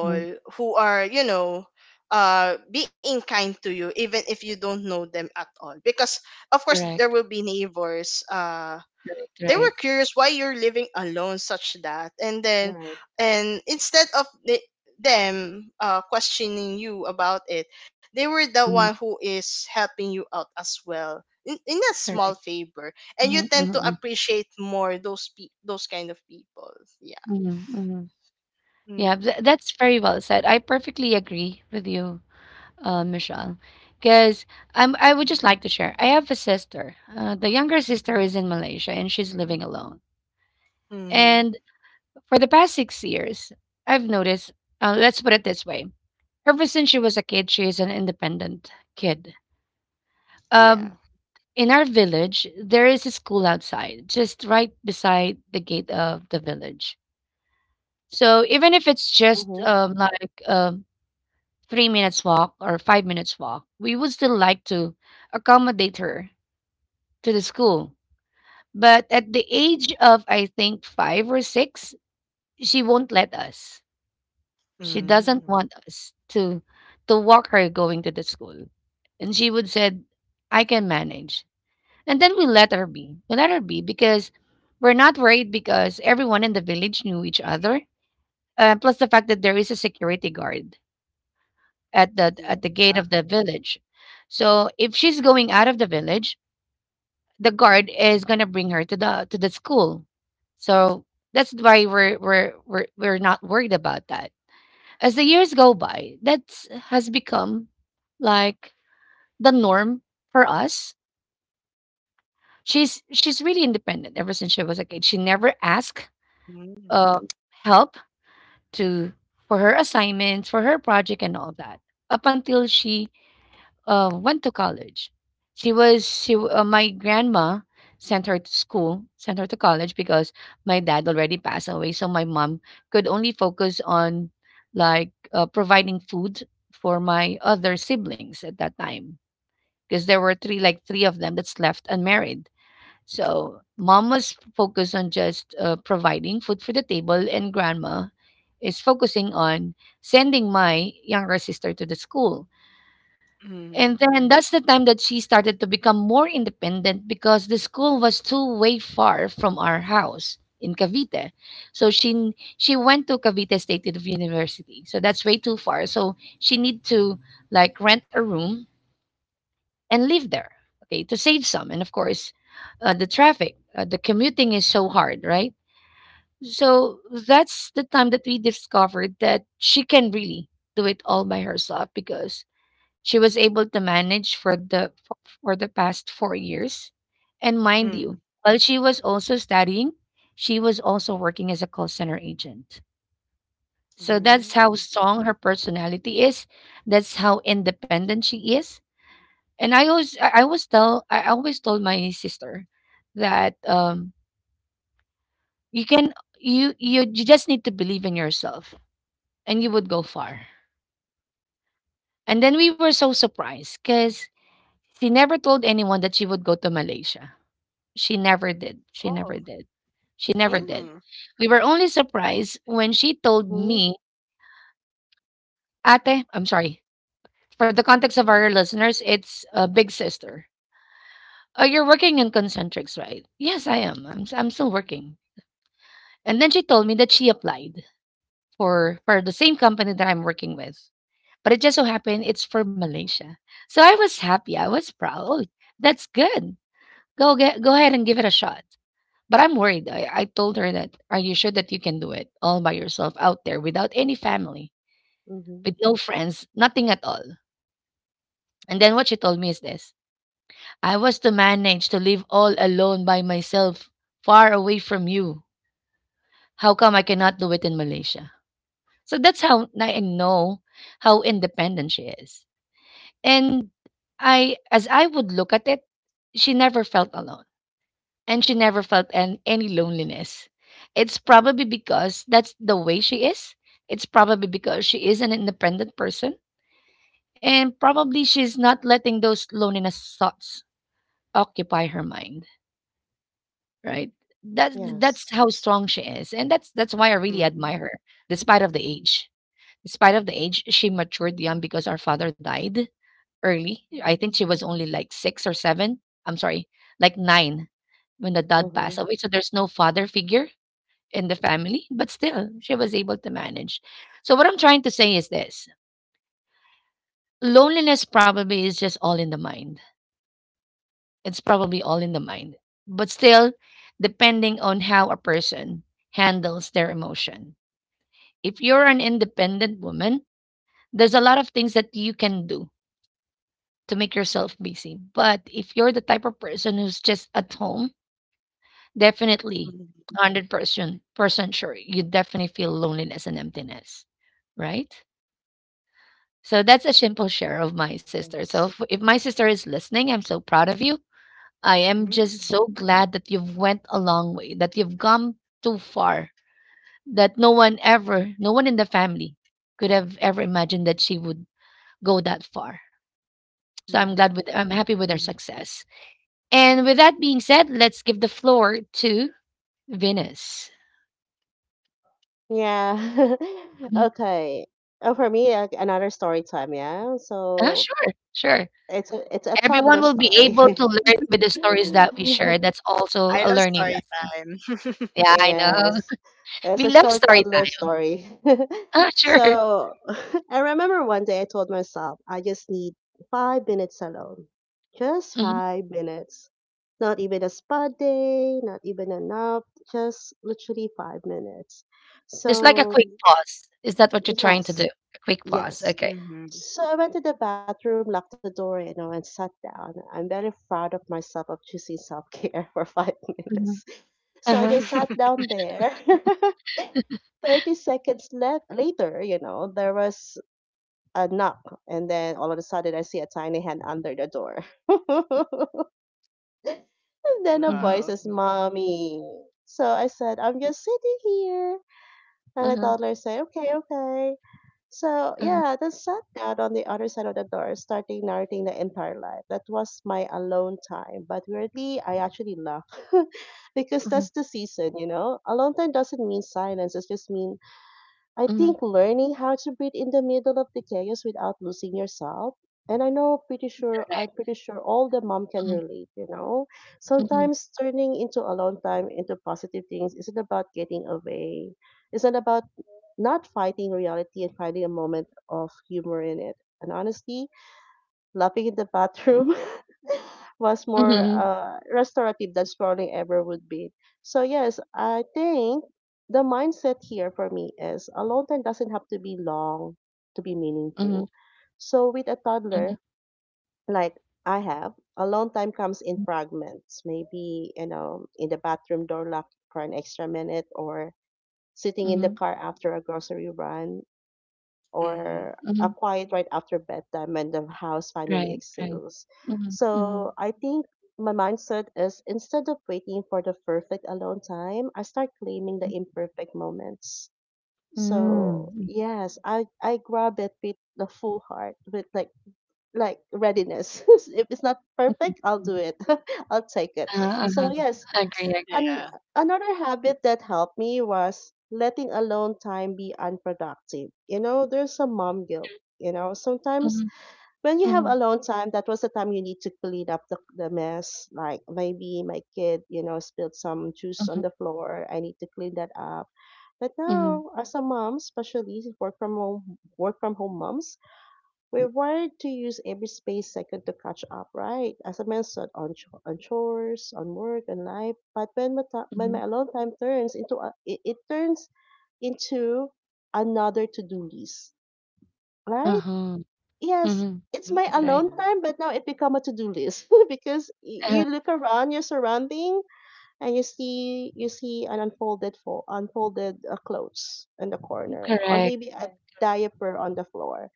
Speaker 1: mhm.
Speaker 2: who are, you know, being kind to you, even if you don't know them at all, because of course there
Speaker 1: Correct.
Speaker 2: will be neighbors.
Speaker 1: Correct,
Speaker 2: They
Speaker 1: right.
Speaker 2: were curious why you're living alone such that. And then,
Speaker 3: Right.
Speaker 2: and instead of the, them questioning you about it, they were the one
Speaker 1: Mhm.
Speaker 2: who is helping you out as well in a small
Speaker 1: Correct.
Speaker 2: favor. And you
Speaker 1: Mhm, mhm,
Speaker 2: tend to
Speaker 1: mhm,
Speaker 2: appreciate more those those kind of people. Yeah.
Speaker 1: mhm, mhm. Yeah,
Speaker 2: Mm.
Speaker 1: that's very well said. I perfectly agree with you, Michelle. Because I would just like to share. I have a sister. The younger sister is in Malaysia and she's living alone.
Speaker 2: Mm-hmm.
Speaker 1: And for the past 6 years, I've noticed. Let's put it this way: ever since she was a kid, she is an independent kid.
Speaker 2: Yeah.
Speaker 1: Um, in our village, there is a school outside, just right beside the gate of the village. So even if it's just
Speaker 3: Mm-hmm,
Speaker 1: 3 minutes walk or 5 minutes walk, we would still like to accommodate her to the school. But at the age of, I think, 5 or 6, she won't let us. She doesn't
Speaker 2: Mm.
Speaker 1: want us to walk her going to the school. And she would said, "I can manage." And then we let her be. We let her be because we're not worried because everyone in the village knew each other. Plus the fact that there is a security guard at the
Speaker 2: Yeah.
Speaker 1: gate of the village. So if she's going out of the village, the guard is gonna bring her to the school. So that's why we're not worried about that. As the years go by, that has become like the norm for us. She's really independent ever since she was a kid. She never asked
Speaker 2: Mm.
Speaker 1: uh, help to for her assignments, for her project, and all that up until she went to college. She was she w- My grandma sent her to school, sent her to college because my dad already passed away, so my mom could only focus on like providing food for my other siblings at that time because there were three like three of them that's left unmarried. So mom was focused on just providing food for the table, and grandma is focusing on sending my younger sister to the school, and
Speaker 2: Mm.
Speaker 1: then that's the time that she started to become more independent because the school was too way far from our house in Cavite. So she went to Cavite State University. So that's way too far. So she need to like rent a room and live there. Okay, to save some. And of course, the traffic, the commuting is so hard, right? So that's the time that we discovered that she can really do it all by herself because she was able to manage for the past 4 years. And mind
Speaker 2: Mm.
Speaker 1: you, while she was also studying, she was also working as a call center agent. So that's
Speaker 2: Mm.
Speaker 1: how strong her personality is. That's how independent she is. And I always tell I always told my sister that you can you just need to believe in yourself and you would go far. And then we were so surprised because she never told anyone that she would go to Malaysia. She never did. She
Speaker 2: Oh.
Speaker 1: never did. She never did.
Speaker 2: Mm.
Speaker 1: We were only surprised when she told
Speaker 3: mm-hmm,
Speaker 1: me, "Ate, I'm sorry." For the context of our listeners, it's a big sister. "Oh, you're working in Concentrics, right?" "Yes, I am. I'm still working." And then she told me that she applied for the same company that I'm working with. But it just so happened it's for Malaysia. So I was happy. I was proud. "Oh, that's good. Go ahead and give it a shot. But I'm worried." I told her that, "Are you sure that you can do it all by yourself out there without any family,
Speaker 3: mm-hmm.
Speaker 1: with no friends, nothing at all?" And then what she told me is this: "I was to manage to live all alone by myself, far away from you. How come I cannot do it in Malaysia?" So that's how I know how independent she is. And I, as I would look at it, she never felt alone and she never felt any loneliness. It's probably because that's the way she is. It's probably because she is an independent person and probably she's not letting those loneliness thoughts occupy her mind, right? That's
Speaker 3: Yes.
Speaker 1: how strong she is, and that's why I really admire
Speaker 2: Mm.
Speaker 1: her despite of the age. Despite of the age, she matured young because our father died early. I think she was only like 6 or 7. I'm sorry, like 9 when the dad passed
Speaker 3: Mm-hmm.
Speaker 1: away. So there's no father figure in the family, but still she was able to manage. So what I'm trying to say is this. Loneliness probably is just all in the mind. It's probably all in the mind. But still depending on how a person handles their emotion. If you're an independent woman, there's a lot of things that you can do to make yourself busy. But if you're the type of person who's just at home, definitely,
Speaker 2: Mm.
Speaker 1: 100% percent sure. You definitely feel loneliness and emptiness, right? So that's a simple share of my sister. So if,
Speaker 3: Yes.
Speaker 1: if my sister is listening, I'm so proud of you. I am just
Speaker 2: Mm.
Speaker 1: so glad that you've went a long way, that you've come too far, that no one in the family could have ever imagined that she would go that far. So
Speaker 2: Mm.
Speaker 1: I'm happy with her
Speaker 3: Mm-hmm.
Speaker 1: success. And with that being said, let's give the floor to Venus.
Speaker 3: Yeah.
Speaker 1: Mhm.
Speaker 3: Okay. For me, another story time. Yeah.
Speaker 1: Ah,
Speaker 3: So
Speaker 1: sure, sure.
Speaker 3: it's it's a
Speaker 1: Everyone
Speaker 3: toddler
Speaker 1: will be able to
Speaker 3: story.
Speaker 1: learn with the stories that we share. That's also
Speaker 2: I
Speaker 1: a
Speaker 2: love
Speaker 1: learning
Speaker 2: story
Speaker 1: lesson.
Speaker 2: time.
Speaker 1: Yeah, I know.
Speaker 3: Yes. It's
Speaker 1: We
Speaker 3: a
Speaker 1: love
Speaker 3: short
Speaker 1: story
Speaker 3: toddler
Speaker 1: time.
Speaker 3: story.
Speaker 1: Ah, sure.
Speaker 3: So I remember one day I told myself I just need 5 minutes alone. Just
Speaker 1: Mhm.
Speaker 3: 5 minutes. Not even a spa day, not even a nap, just literally 5 minutes.
Speaker 1: Just like a
Speaker 3: So,
Speaker 1: quick pause. Is that what you're trying to do?
Speaker 3: yes,
Speaker 1: A quick pause.
Speaker 3: Yes.
Speaker 1: Okay.
Speaker 2: Mhm.
Speaker 3: So I went to the bathroom, locked the door, you know, and sat down. I'm very proud of myself of choosing self-care for five
Speaker 1: Mhm.
Speaker 3: minutes. So I
Speaker 1: Uh-huh.
Speaker 3: just sat down there. 30 seconds later, you know, there was a knock. And then all of a sudden, I see a tiny hand under the door. And then a
Speaker 1: Mhm.
Speaker 3: voice
Speaker 2: Wow.
Speaker 3: says, "Mommy." So I said, "I'm just sitting here."
Speaker 1: Uh-huh.
Speaker 3: $100 say, "Okay, okay." So
Speaker 1: Uh-huh.
Speaker 3: yeah, then sat down on the other side of the door, starting narrating the entire life. That was my alone time. But weirdly, I actually laughed because
Speaker 1: Mhm.
Speaker 3: that's the season, you know. Alone time doesn't mean silence. It just mean, I
Speaker 1: Mhm.
Speaker 3: think, learning how to breathe in the middle of the chaos without losing yourself. And I know,
Speaker 1: Correct.
Speaker 3: I'm pretty sure all the mom can
Speaker 1: Mhm.
Speaker 3: relate. You know,
Speaker 1: Mhm.
Speaker 3: sometimes turning into alone time into positive things isn't about getting away. It's not about not fighting reality and finding a moment of humor in it. And honestly, laughing in the bathroom was more
Speaker 1: Mhm.
Speaker 3: restorative than scrolling ever would be. So, yes, I think the mindset here for me is alone time doesn't have to be long to be
Speaker 1: Mhm.
Speaker 3: meaningful. So, with a
Speaker 1: Mhm.
Speaker 3: toddler like I have, alone time comes in fragments, maybe, you know, in the bathroom door locked for an extra minute, or sitting in the
Speaker 1: Mhm.
Speaker 3: car after a grocery run, or
Speaker 2: Mhm.
Speaker 3: a
Speaker 1: Mhm.
Speaker 3: quiet right after bedtime when the house finally
Speaker 1: Right. Right.
Speaker 3: exhales.
Speaker 1: Mhm.
Speaker 3: So
Speaker 1: Mhm.
Speaker 3: I think my mindset is, instead of waiting for the perfect alone time, I start claiming the imperfect moments. So
Speaker 1: Mm.
Speaker 3: yes, I grab it with the full heart, with like readiness. If it's not
Speaker 1: Mhm.
Speaker 3: perfect, I'll do
Speaker 1: Mhm.
Speaker 3: it. I'll take it.
Speaker 1: Uh-huh. Uh-huh.
Speaker 3: So yes,
Speaker 1: I agree. I agree.
Speaker 3: an-
Speaker 2: Yeah.
Speaker 3: another habit that helped me was letting alone time be unproductive. You know, there's a mom guilt. You know, sometimes
Speaker 1: Mhm.
Speaker 3: when you have
Speaker 1: Mhm.
Speaker 3: alone time, that was the time you need to clean up the mess. Like maybe my kid, you know, spilled some juice on
Speaker 1: Mhm.
Speaker 3: the floor. I need to clean that up. But
Speaker 1: Mhm.
Speaker 3: now, as a mom, especially work from home moms, we're wired to use every space second to catch up, right? As I mentioned, on, on chores, on work, on life. But when when
Speaker 1: Mhm.
Speaker 3: my alone time turns into a, it turns into another to-do list, right?
Speaker 1: Uh-huh.
Speaker 3: Yes,
Speaker 1: Mhm.
Speaker 3: it's my
Speaker 1: Right,
Speaker 2: Mhm.
Speaker 1: right.
Speaker 3: alone time, but now it become a to-do list because
Speaker 1: Uh-huh.
Speaker 3: you look around your surrounding and you see an unfolded clothes in the corner, or
Speaker 1: Correct.
Speaker 3: maybe a diaper on the floor.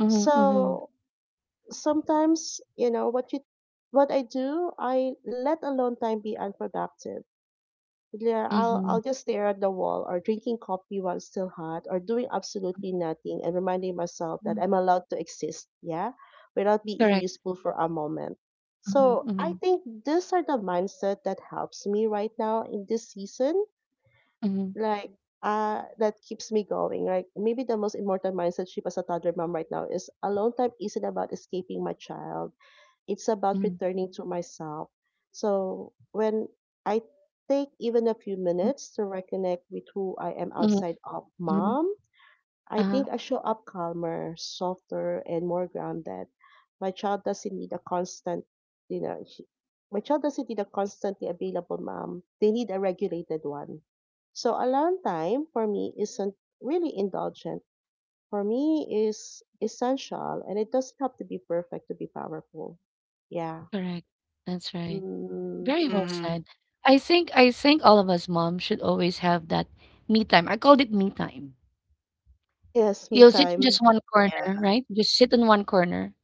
Speaker 1: Mhm, mhm,
Speaker 3: So sometimes you know what you what I do. I let alone time be unproductive. Yeah, I'll
Speaker 1: mhm,
Speaker 3: just stare at the wall or drinking coffee while still hot or doing absolutely nothing and reminding myself that
Speaker 1: mhm.
Speaker 3: I'm allowed to exist, yeah, without being
Speaker 1: Correct.
Speaker 3: useful for a moment.
Speaker 1: Mhm,
Speaker 3: So I
Speaker 1: mhm,
Speaker 3: think these are the mindset that helps me right now in this season,
Speaker 1: mhm,
Speaker 3: like that keeps me going. Like maybe the most important mindset shift as a toddler mom right now is alone time isn't about escaping my child. It's
Speaker 1: mhm,
Speaker 3: about returning to myself. So when I take even a few
Speaker 1: mhm,
Speaker 3: minutes to reconnect with who I am
Speaker 1: mhm,
Speaker 3: outside of
Speaker 1: mhm.
Speaker 3: mom, I
Speaker 1: Uh-huh.
Speaker 3: think I show up calmer, softer, and more grounded. My child doesn't need a constant, she, my child doesn't need a constantly available mom. They need a regulated one. So alone time for me isn't really indulgent. For me is essential, and it doesn't have to be perfect to be powerful. Yeah.
Speaker 1: Correct. That's right.
Speaker 3: Mm,
Speaker 1: Very well
Speaker 2: Mhm.
Speaker 1: said. I think all of us moms should always have that me time. I called it me time.
Speaker 3: yes, me
Speaker 1: You'll sit in
Speaker 3: time.
Speaker 1: just one corner,
Speaker 2: Yeah.
Speaker 1: right? Just sit in one corner.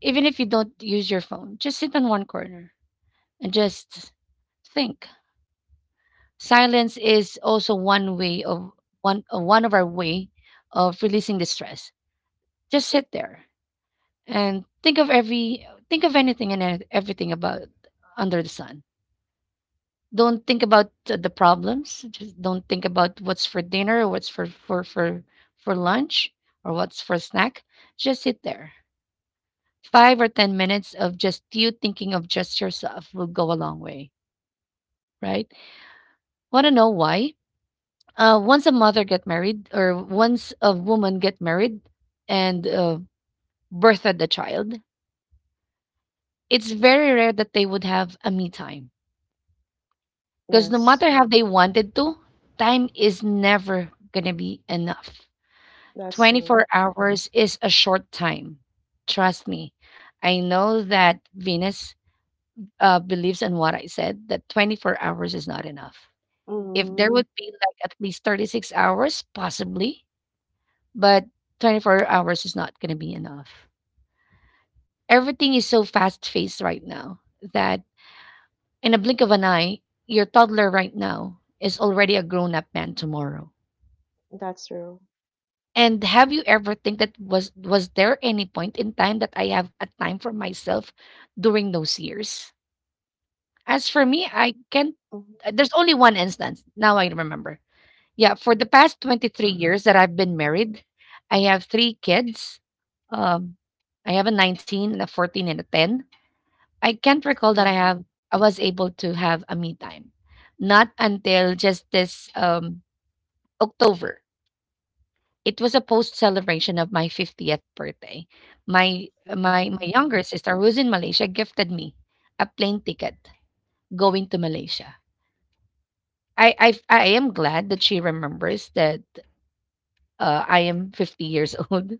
Speaker 1: Even if you don't use your phone, just sit in one corner and just think. Silence is also one way of one of our way of releasing the stress. Just sit there and think of anything and everything about under the sun. Don't think about the problems. Just don't think about what's for dinner or what's for lunch or what's for snack. Just sit there. 5 or 10 minutes of just you thinking of just yourself will go a long way, right? Want to know why? Once a mother get married, or once a woman get married and birthed a child, it's very rare that they would have a me time. Because no
Speaker 3: Yes,
Speaker 1: matter how they wanted to, time is never gonna be enough.
Speaker 3: that's true.
Speaker 1: 24 hours is a short time. Trust me. I know that Venus believes in what I said, that 24 hours is not enough. If there
Speaker 3: Mm,
Speaker 1: would be like at least 36 hours, possibly, but 24 hours is not going to be enough. Everything is so fast paced right now that in a blink of an eye, your toddler right now is already a grown up man tomorrow.
Speaker 3: that's true.
Speaker 1: And have you ever think that was there any point in time that I have a time for myself during those years? As for me, I can't.
Speaker 3: Mm-hmm.
Speaker 1: There's only one instance now I remember. Yeah, for the past 23 years that I've been married, I have three kids. Um, I have a 19 and a 14 and a 10. I can't recall that
Speaker 2: Mhm.
Speaker 1: I was able to have a me time. Not until just this October. It was a post celebration of my 50th birthday. My
Speaker 2: Mhm.
Speaker 1: younger sister who's in Malaysia gifted me a plane ticket going to Malaysia. I am glad that she remembers that I am 50 years old.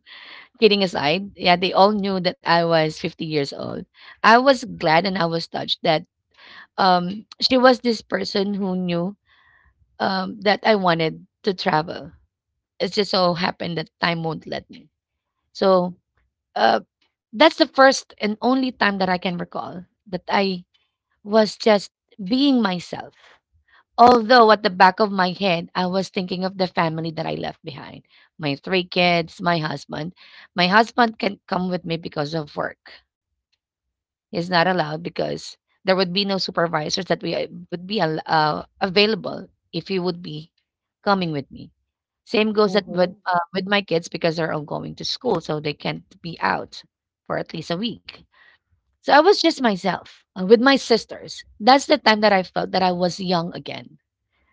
Speaker 1: Kidding aside, yeah, they all knew that I was 50 years old. I was glad and I was touched that she was this person who knew that I wanted to travel. It just so happened that time won't let me. So uh, that's the first and only time that I can recall that I was just being myself. Although at the back of my head, I was thinking of the family that I left behind, my three kids, my husband. My husband can come with me because of work is not allowed, because there would be no supervisors that we would be available if you would be coming with me. Same goes that
Speaker 3: Mm-hmm.
Speaker 1: with my kids because they're all going to school, so they can't be out for at least a week. So I was just myself with my sisters. That's the time that I felt that I was young again.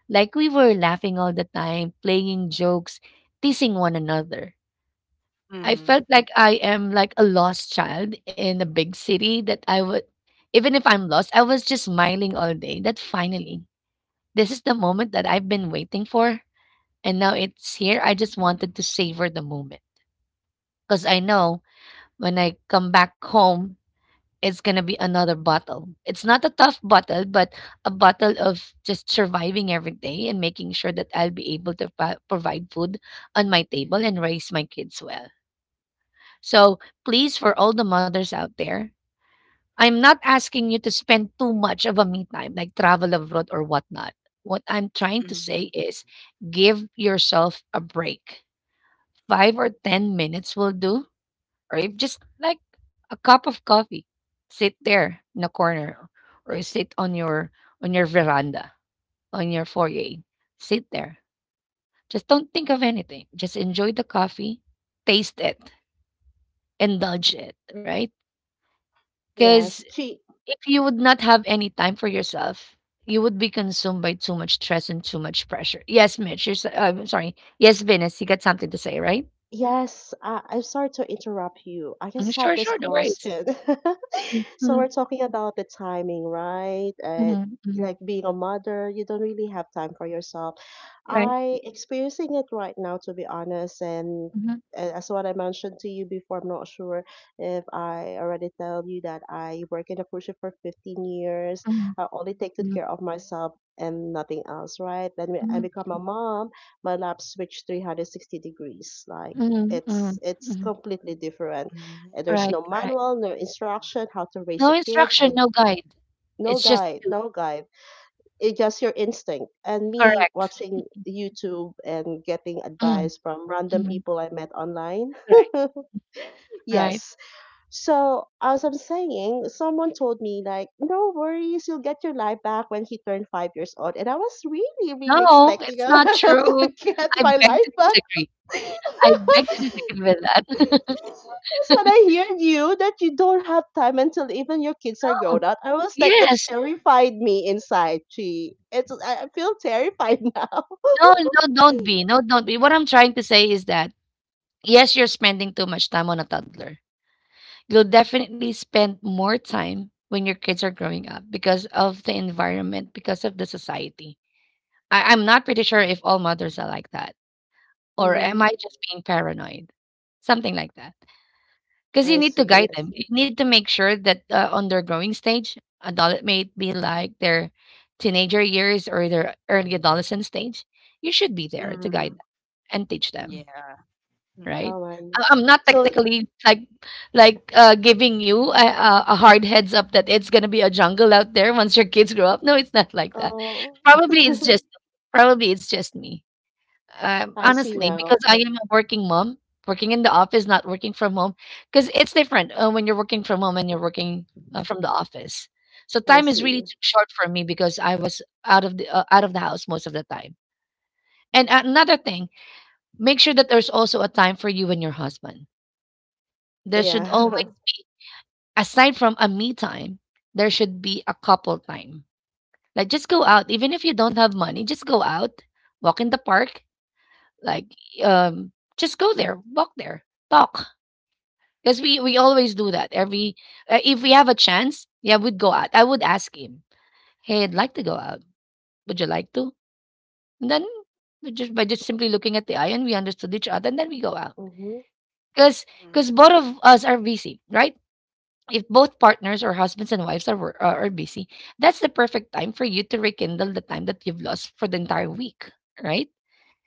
Speaker 1: Like we were laughing all the time, playing jokes, teasing one another. I
Speaker 2: Mhm.
Speaker 1: felt like I am like a lost child in a big city that I would, even if I'm lost, I was just smiling all day that finally, this is the moment that I've been waiting for. And now it's here. I just wanted to savor the moment because I know when I come back home, it's going to be another bottle. It's not a tough bottle, but a bottle of just surviving every day and making sure that I'll be able to provide food on my table and raise my kids well. So please, for all the mothers out there, I'm not asking you to spend too much of a me time, like travel abroad or whatnot. What I'm trying to say
Speaker 2: Mhm.
Speaker 1: is give yourself a break. Five or 10 minutes will do, or if just like a cup of coffee, sit there in a corner or sit on your veranda, on your foyer. Sit there. Just don't think of anything. Just enjoy the coffee, taste it, indulge it, right? Because
Speaker 3: Yes, chi-
Speaker 1: if you would not have any time for yourself, you would be consumed by too much stress and too much pressure. Yes, Mitch, I'm sorry. Yes, Venus, you got something to say, right?
Speaker 3: yes, I'm sorry to interrupt you. I
Speaker 1: Mm,
Speaker 3: just have
Speaker 1: sure,
Speaker 3: this
Speaker 1: sure, no worries.
Speaker 3: question.
Speaker 1: Mm,
Speaker 3: So
Speaker 1: mhm,
Speaker 3: we're talking about the timing, right?
Speaker 1: mhm, mhm.
Speaker 3: Like being a mother, you don't really have time for yourself.
Speaker 1: Right.
Speaker 3: I experiencing it right now, to be honest, and
Speaker 1: Mhm,
Speaker 3: as what I mentioned to you before, I'm not sure if I already tell you that I work in a cruise ship for 15 years.
Speaker 1: mhm,
Speaker 3: I only take good care of myself and nothing else, right? Then when I
Speaker 1: mhm,
Speaker 3: become a mom, my lap switched 360 degrees. Like
Speaker 1: mhm, mhm,
Speaker 3: it's
Speaker 1: mhm,
Speaker 3: it's
Speaker 1: mhm.
Speaker 3: completely different,
Speaker 2: Mhm.
Speaker 3: and there's
Speaker 1: Right,
Speaker 3: no
Speaker 1: right.
Speaker 3: manual, no instruction how to raise
Speaker 1: No
Speaker 3: a kid.
Speaker 1: instruction,
Speaker 3: i
Speaker 1: no guide.
Speaker 3: no
Speaker 1: It's just
Speaker 3: guide
Speaker 1: you.
Speaker 3: no guide It's just your instinct and me
Speaker 1: Correct.
Speaker 3: watching YouTube and getting
Speaker 1: Mm,
Speaker 3: advice from random
Speaker 1: mhm.
Speaker 3: people I met online.
Speaker 1: Right, right.
Speaker 3: Yes. So as I'm saying, someone told me like, no worries, you'll get your life back when he turned 5 years old, and I was really
Speaker 1: No,
Speaker 3: expecting
Speaker 1: it's not true.
Speaker 3: to get
Speaker 1: I
Speaker 3: my
Speaker 1: beg
Speaker 3: life
Speaker 1: to
Speaker 3: back.
Speaker 1: disagree. I beg to disagree with that.
Speaker 3: That's what I heard you, that you don't have time until even your kids are
Speaker 1: No.
Speaker 3: grown up. I was like, it's
Speaker 1: Yes.
Speaker 3: terrified me inside. She, it's I feel terrified now.
Speaker 1: No, no, don't be. No, don't be. What I'm trying to say is that, yes, you're spending too much time on a toddler. You'll definitely spend more time when your kids are growing up because of the environment, because of the society. I'm not pretty sure if all mothers are like that. Or am
Speaker 3: Hmm.
Speaker 1: I just being paranoid? Something like that. Because you
Speaker 3: I
Speaker 1: need to
Speaker 3: see.
Speaker 1: guide
Speaker 3: Yes.
Speaker 1: them. You need to make sure that on their growing stage, adult may be like their teenager years or their early adolescent stage, you should be there to
Speaker 2: Mhm.
Speaker 1: guide and teach them,
Speaker 2: Yeah. Mhm.
Speaker 1: right?
Speaker 3: Oh my.
Speaker 1: I'm not
Speaker 3: So,
Speaker 1: technically like giving you a, hard heads up that it's gonna be a jungle out there once your kids grow up. No, it's not like that.
Speaker 3: oh,
Speaker 1: Probably it's just Probably it's just me.
Speaker 3: I see
Speaker 1: Honestly, because
Speaker 3: now.
Speaker 1: I am a working mom, working in the office, not working from home. Because it's different when you're working from home and you're working from the office. So
Speaker 3: I
Speaker 1: time is really
Speaker 3: see.
Speaker 1: too short for me because I was out of the house most of the time. And another thing, make sure that there's also a time for you and your husband, there should always
Speaker 3: Yeah.
Speaker 1: be, aside from a me time, there should be a couple time. Like just go out, even if you don't have money, just go out, walk in the park, like um, just go there, walk there, talk. Because we always do that every if we have a chance, yeah, we'd go out. I would ask him, hey, I'd like to go out. Would you like to? And then we just by just simply looking at the eye and we understood each other, and then we go out.
Speaker 3: Mm-hmm.
Speaker 1: Because because both
Speaker 2: Mhm.
Speaker 1: of us are busy, right? If both partners or husbands and wives are, are busy, that's the perfect time for you to rekindle the time that you've lost for the entire week, right?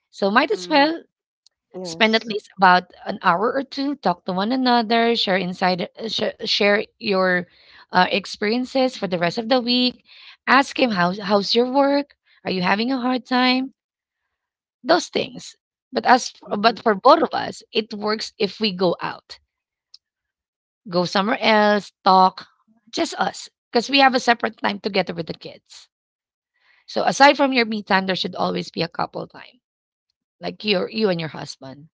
Speaker 1: So might as
Speaker 2: Mhm.
Speaker 1: well spend at
Speaker 3: Yes.
Speaker 1: least about an hour or two, talk to one another, share inside, share your experiences for the rest of the week. Ask him how's your work? Are you having a hard time? Those things. But as
Speaker 3: Mm-hmm.
Speaker 1: but for both of us, it works if we go out, go somewhere else, talk, just us. Because we have a separate time together with the kids. So aside from your me time, there should always be a couple time, like your you and your husband.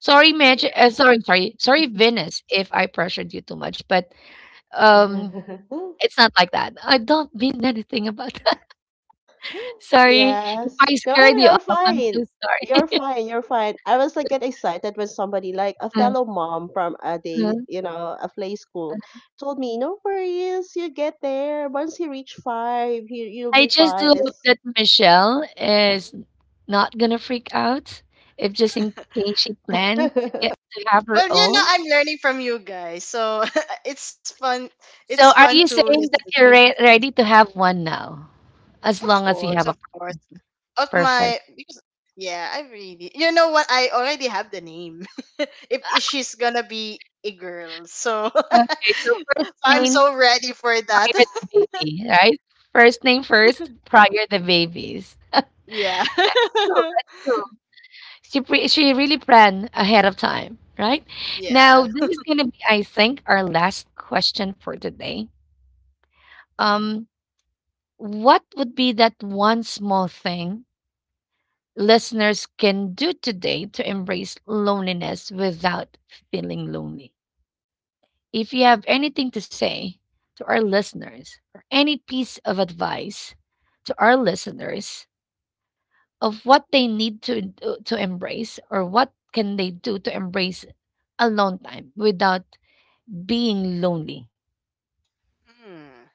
Speaker 1: Sorry, Mitch.
Speaker 2: Yeah.
Speaker 1: Sorry, sorry, sorry, Venus. If I pressured you too much, but um, it's not like that. I don't mean anything about that. Sorry if
Speaker 3: Yes.
Speaker 1: I
Speaker 3: No,
Speaker 1: scared you
Speaker 3: you're
Speaker 1: off. I'm
Speaker 3: fine.
Speaker 1: so
Speaker 3: You're fine. You're fine. I was like get excited when somebody like a fellow mom from a day,
Speaker 1: sorry.
Speaker 3: you know, a play school told me, "No worries, you get there. Once you reach five, you you'll
Speaker 1: I
Speaker 3: be
Speaker 1: just do
Speaker 3: fine."
Speaker 1: hope
Speaker 3: It's
Speaker 1: that Michelle is not gonna freak out if just in case she planned to get to have her
Speaker 2: Well, you know,
Speaker 1: own.
Speaker 2: I'm learning from you guys, so it's fun. It's
Speaker 1: So are
Speaker 2: fun to
Speaker 1: you saying
Speaker 2: listen.
Speaker 1: that you're ready to have one now? As
Speaker 2: Of
Speaker 1: long as you
Speaker 2: course,
Speaker 1: have
Speaker 2: of
Speaker 1: a
Speaker 2: course.
Speaker 1: partner.
Speaker 2: Of
Speaker 1: Perfect.
Speaker 2: my because Yeah, I really, you know what, I already have the name. If she's gonna be a girl, so
Speaker 1: Okay, so first
Speaker 2: I'm
Speaker 1: name
Speaker 2: so ready for that.
Speaker 1: prior the baby, right? First name first, prior the babies. That's
Speaker 2: Yeah.
Speaker 1: cool. That's cool. She really planned ahead of time, right?
Speaker 2: Yeah.
Speaker 1: Now this is gonna be, I think, our last question for today. Um, what would be that one small thing listeners can do today to embrace loneliness without feeling lonely? If you have anything to say to our listeners or any piece of advice to our listeners of what they need to to embrace or what can they do to embrace alone time without being lonely.
Speaker 2: Hmm.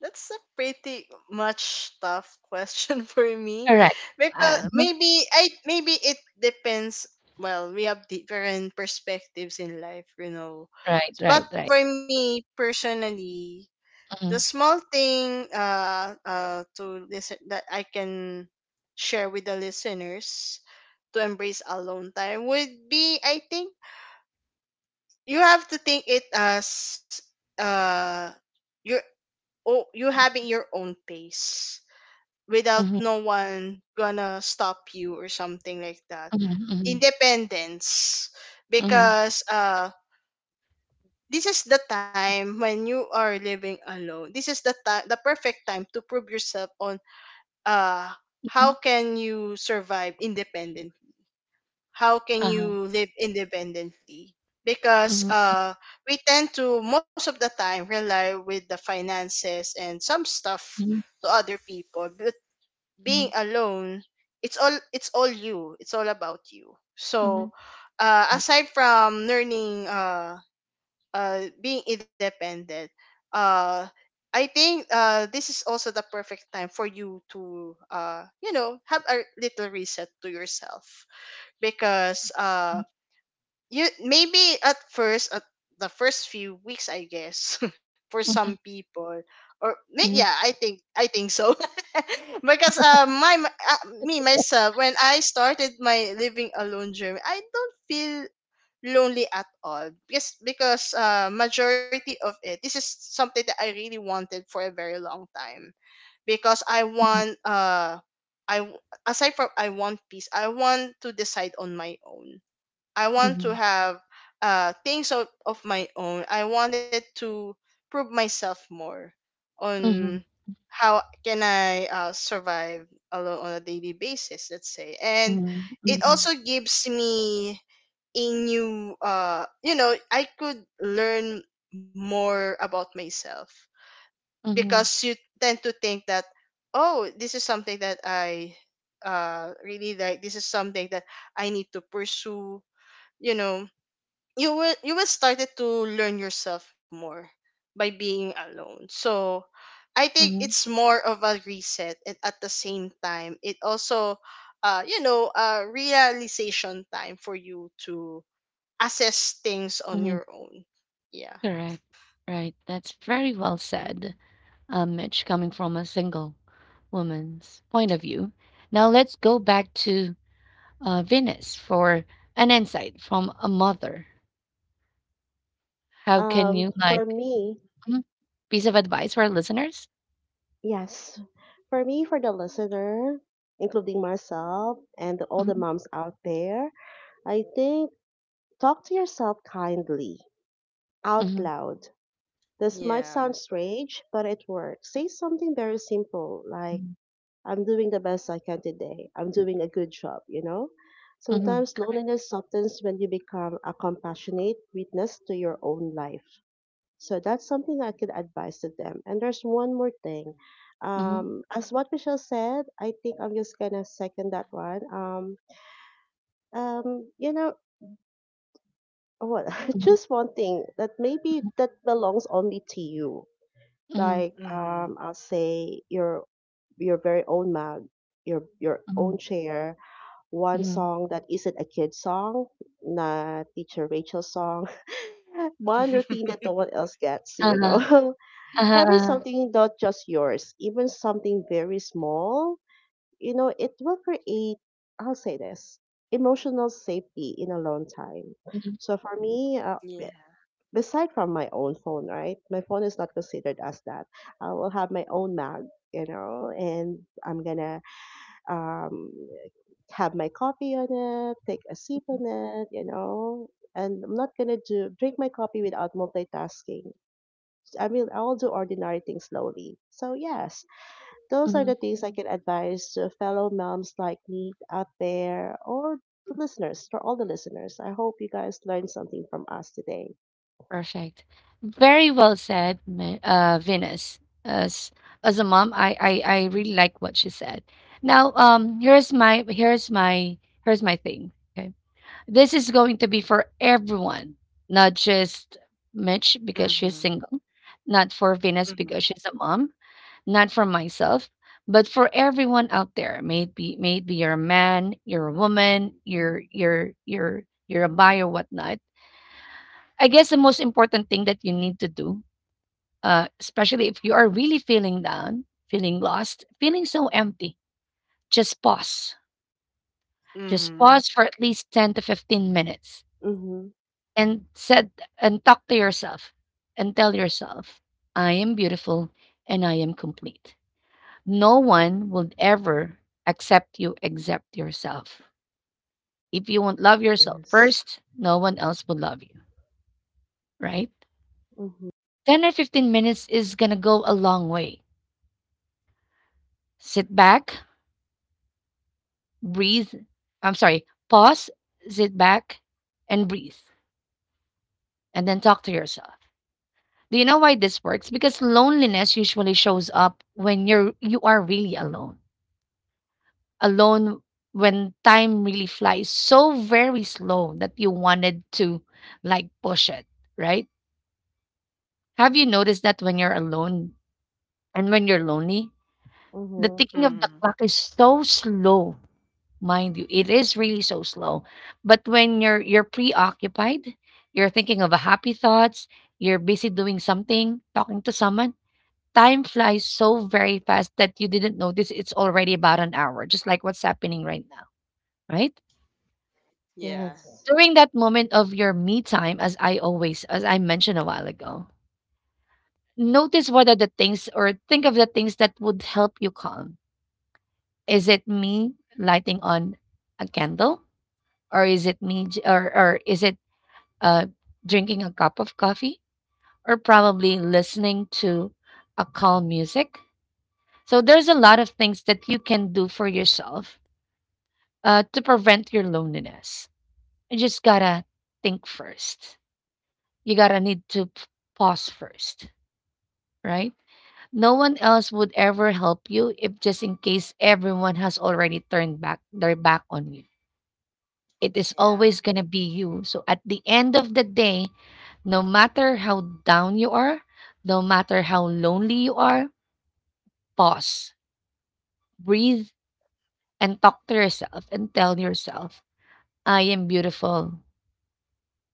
Speaker 2: That's a pretty much tough question for me,
Speaker 1: Correct.
Speaker 2: because
Speaker 1: Mhm.
Speaker 2: maybe I maybe it depends. Well, we have different perspectives in life, you know.
Speaker 1: Right,
Speaker 2: But
Speaker 1: right, right.
Speaker 2: for me personally, the
Speaker 1: Mm-hmm.
Speaker 2: small thing, to listen that I can share with the listeners to embrace alone time would be, I think you have to think it as uh your oh you having your own pace without
Speaker 1: Hmm.
Speaker 2: no one gonna stop you or something like that.
Speaker 1: Hmm.
Speaker 2: Independence.
Speaker 1: Hmm.
Speaker 2: Because this is the time when you are living alone, this is the time the perfect time to prove yourself on, uh how can you survive independently, how can
Speaker 1: Uh-huh.
Speaker 2: you live independently,
Speaker 1: Mhm,
Speaker 2: because we tend to, most of the time, rely with the finances and some stuff
Speaker 1: mhm,
Speaker 2: to other people. But
Speaker 1: mhm,
Speaker 2: being alone, it's all you, it's all about you.
Speaker 1: mhm,
Speaker 2: So
Speaker 1: right.
Speaker 2: aside from learning, being independent, uh, I think this is also the perfect time for you to, you know, have a little reset to yourself, because
Speaker 1: Mhm,
Speaker 2: uh, you, maybe at first, at the first few weeks, I guess, for some
Speaker 1: mhm,
Speaker 2: people, or
Speaker 1: mhm,
Speaker 2: yeah, I think so, because me myself, when I started my living alone journey, I don't feel lonely at all, because majority of it, this is something that I really wanted for a very long time. Because I
Speaker 1: mhm,
Speaker 2: want I w- aside from, I want peace, I want to decide on my own, I want
Speaker 1: mhm,
Speaker 2: to have things of my own. I wanted to prove myself more
Speaker 1: mhm,
Speaker 2: on how can I survive alone on a daily basis, let's say. And it
Speaker 1: mhm,
Speaker 2: also gives me a new, you know, I could learn more about myself,
Speaker 1: mhm,
Speaker 2: because you tend to think that, oh, this is something that I really like, this is something that I need to pursue. You know, you will, you will started to learn yourself more by being alone. So I think
Speaker 1: mhm,
Speaker 2: it's more of a reset, and at the same time it also, you know, a realization time for you to assess things on
Speaker 1: mhm.
Speaker 2: your own. Yeah.
Speaker 1: Correct. Right. That's very well said, Mitch, coming from a single woman's point of view. Now let's go back to Venus for an insight from a mother. How can you like
Speaker 3: for me.
Speaker 1: mhm, piece of advice for our listeners?
Speaker 3: Yes, for me, for the listener, including myself and all the
Speaker 1: Mhm,
Speaker 3: moms out there, I think talk to yourself kindly, out
Speaker 1: mhm,
Speaker 3: loud. This might
Speaker 2: Yeah.
Speaker 3: sound strange, but it works. Say something very simple like,
Speaker 1: mhm,
Speaker 3: I'm doing the best I can today. I'm doing a good job, you know?
Speaker 1: mhm,
Speaker 3: Sometimes loneliness softens when you become a compassionate witness to your own life. So that's something I could advise to them. And there's one more thing.
Speaker 1: mhm,
Speaker 3: As what Michelle said, I think I'm just gonna second that one. You know what?
Speaker 1: mhm,
Speaker 3: Just one thing that maybe that belongs only to you.
Speaker 1: mhm,
Speaker 3: Like
Speaker 2: Mhm.
Speaker 3: I'll say your very own mug, your
Speaker 1: mhm,
Speaker 3: own chair. One
Speaker 1: mhm.
Speaker 3: song that isn't a kid song, not teacher Rachel song. One routine that no one else gets. You know.
Speaker 1: Uh-huh.
Speaker 3: Having
Speaker 1: Uh-huh.
Speaker 3: something not just yours, even something very small, you know, it will create, I'll say this, emotional safety in a long time.
Speaker 1: Hmm.
Speaker 3: So for me,
Speaker 2: Yeah.
Speaker 3: beside from my own phone, right? My phone is not considered as that. I will have my own mug, you know, and I'm gonna um, have my coffee on it, take a sip on it, you know, and I'm not gonna do drink my coffee without multitasking. I mean, I'll do ordinary things slowly. So, yes, those are the
Speaker 1: Mhm.
Speaker 3: things I can advise to fellow moms like me out there or the listeners, for all the listeners. I hope you guys learned something from us today.
Speaker 1: Perfect. Very well said, Venus. As as a mom, I I really like what she said. Now, here's my here's my here's my thing. Okay, this is going to be for everyone, not just Mitch because she's
Speaker 2: Mhm.
Speaker 1: single, not for Venus
Speaker 2: Mhm.
Speaker 1: because she's a mom, not for myself, but for everyone out there. Maybe maybe you're a man, you're a woman, you're a bi or whatnot. I guess the most important thing that you need to do, especially if you are really feeling down, feeling lost, feeling so empty, just pause. Just
Speaker 2: Mhm.
Speaker 1: pause for at least 10 to 15 minutes
Speaker 3: Mm-hmm.
Speaker 1: and said and talk to yourself and tell yourself, I am beautiful and I am complete. No one will ever accept you except yourself. If you won't love yourself
Speaker 3: Yes.
Speaker 1: first, no one else will love you, right?
Speaker 3: Mm-hmm.
Speaker 1: 10 or 15 minutes is going to go a long way. Sit back, breathe. I'm sorry, pause, sit back, and breathe, and then talk to yourself. Do you know why this works? Because loneliness usually shows up when you are really alone. Alone when time really flies so very slow that you wanted to like push it, right? Have you noticed that when you're alone and when you're lonely, the
Speaker 3: Mm-hmm.
Speaker 1: ticking of
Speaker 2: Mhm.
Speaker 1: the clock is so slow, mind you, it is really so slow, but when you're preoccupied, you're thinking of happy thoughts, you're busy doing something, talking to someone, time flies so very fast that you didn't notice it's already about an hour, just like what's happening right now, right?
Speaker 2: Yeah.
Speaker 3: Yes.
Speaker 1: During that moment of your me time, as I mentioned a while ago, notice what are the things or think of the things that would help you calm. Is it me lighting on a candle, or is it me j- or is it uh, drinking a cup of coffee, or probably listening to a calm music. So there's a lot of things that you can do for yourself to prevent your loneliness. You just gotta think first. You gotta need to pause first, right? No one else would ever help you if just in case everyone has already turned back their back on you. It is
Speaker 2: Yeah.
Speaker 1: always going to be you. So at the end of the day, no matter how down you are, no matter how lonely you are, pause, breathe, and talk to yourself and tell yourself, I am beautiful,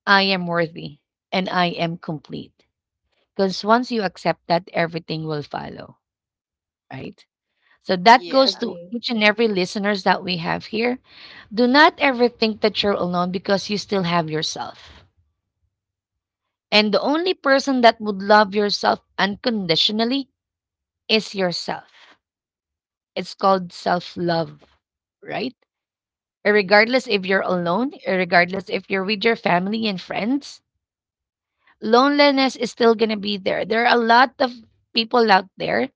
Speaker 1: I am worthy, and I am complete. Because once you accept that, everything will follow, right? So that
Speaker 2: Yeah.
Speaker 1: goes to
Speaker 3: Agree.
Speaker 1: each and every listeners that we have here. Do not ever think that you're alone because you still have yourself. And the only person that would love yourself unconditionally is yourself. It's called self love, right? Regardless if you're alone, regardless if you're with your family and friends, loneliness is still going to be there. There are a lot of people out there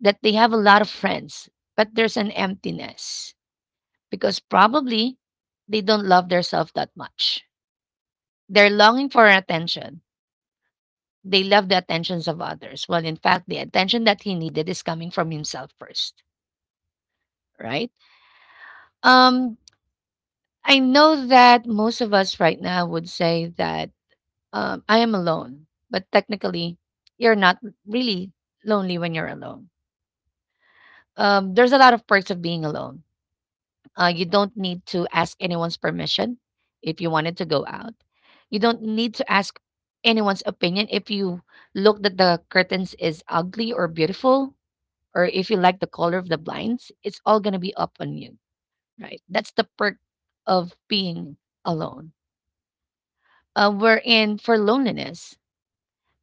Speaker 1: that they have a lot of friends, but there's an emptiness because probably they don't love themselves that much. They're longing for attention. They love the attentions of others. Well, in fact, the attention that he needed is coming from himself first, right? Um, I know that most of us right now would say that I am alone, but technically, you're not really lonely when you're alone. There's a lot of perks of being alone. You don't need to ask anyone's permission if you wanted to go out. You don't need to ask anyone's opinion if you look that the curtains is ugly or beautiful or if you like the color of the blinds, it's all going to be up on you, right? That's the perk of being alone. Wherein for loneliness,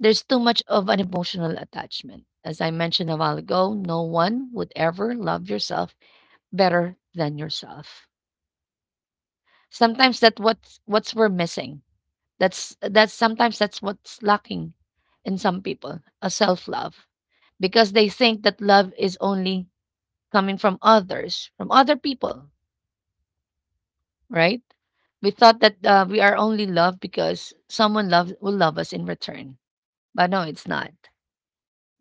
Speaker 1: there's too much of an emotional attachment. As I mentioned a while ago, no one would ever love yourself better than yourself. Sometimes that's what's we're missing. That's sometimes that's what's lacking in some people, a self love because they think that love is only coming from others, from other people, right? We thought that we are only loved because someone loves will love us in return, but no, it's not.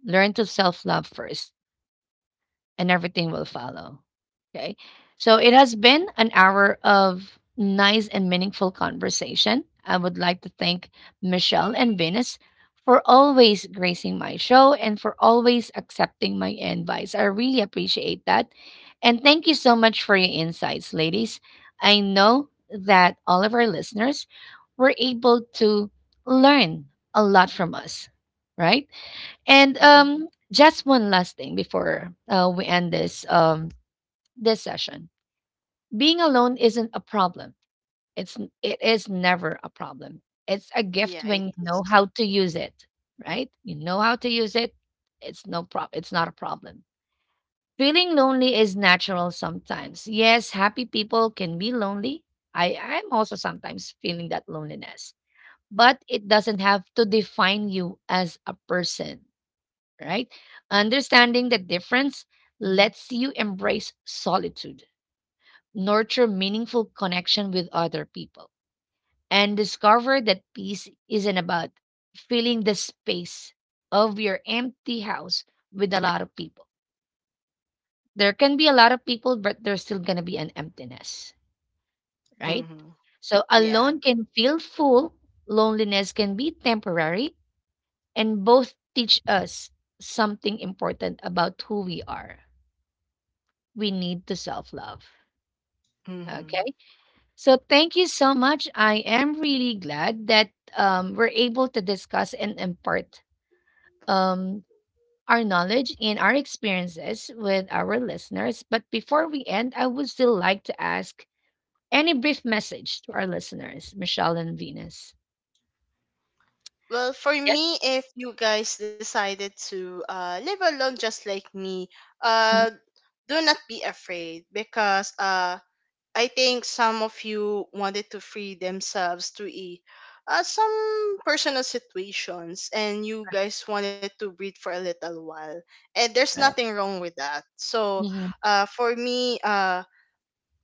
Speaker 1: Learn to self love first and everything will follow. Okay. So it has been an hour of nice and meaningful conversation. I would like to thank Michelle and Venus for always gracing my show and for always accepting my advice. I really appreciate that. And thank you so much for your insights, ladies. I know that all of our listeners were able to learn a lot from us, right? And
Speaker 3: Mm-hmm.
Speaker 1: just one last thing before we end this this session. Being alone isn't a problem. It's it is never a problem. It's a gift
Speaker 2: Yeah, it
Speaker 1: when you
Speaker 2: is.
Speaker 1: know how to use it, right? You know how to use it. It's no prob. It's not a problem. Feeling lonely is natural sometimes. Yes, happy people can be lonely. I'm also sometimes feeling that loneliness, but it doesn't have to define you as a person, right? Understanding the difference lets you embrace solitude, nurture meaningful connection with other people, and discover that peace isn't about filling the space of your empty house with a lot of people. There can be a lot of people, but there's still going to be an emptiness, right?
Speaker 2: Mhm.
Speaker 1: So
Speaker 2: Yeah.
Speaker 1: alone can feel full, loneliness can be temporary, and both teach us something important about who we are. We need the self love. Okay.
Speaker 2: Mhm.
Speaker 1: So thank you so much. I am really glad that we're able to discuss and impart um, our knowledge and our experiences with our listeners. But before we end, I would still like to ask any brief message to our listeners, Michelle and Venus.
Speaker 2: Well, for
Speaker 1: Yes.
Speaker 2: me, if you guys decided to live alone just like me, uh,
Speaker 1: Mm.
Speaker 2: do not be afraid, because I think some of you wanted to free themselves to a some personal situations, and you guys wanted to breathe for a little while, and there's
Speaker 1: Right.
Speaker 2: nothing wrong with that. So
Speaker 1: Hmm.
Speaker 2: for me,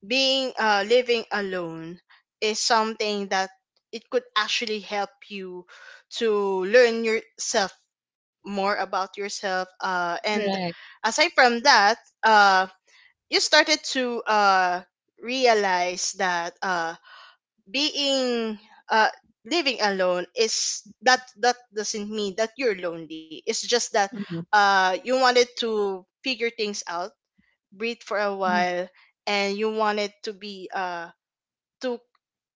Speaker 2: being living alone is something that it could actually help you to learn yourself more about yourself. And
Speaker 1: Correct.
Speaker 2: aside from that, uh, you started to realize that being uh, living alone, is that that doesn't mean that you're lonely. It's just that
Speaker 1: Mhm,
Speaker 2: you wanted to figure things out, breathe for a
Speaker 1: mhm,
Speaker 2: while, and you wanted to be to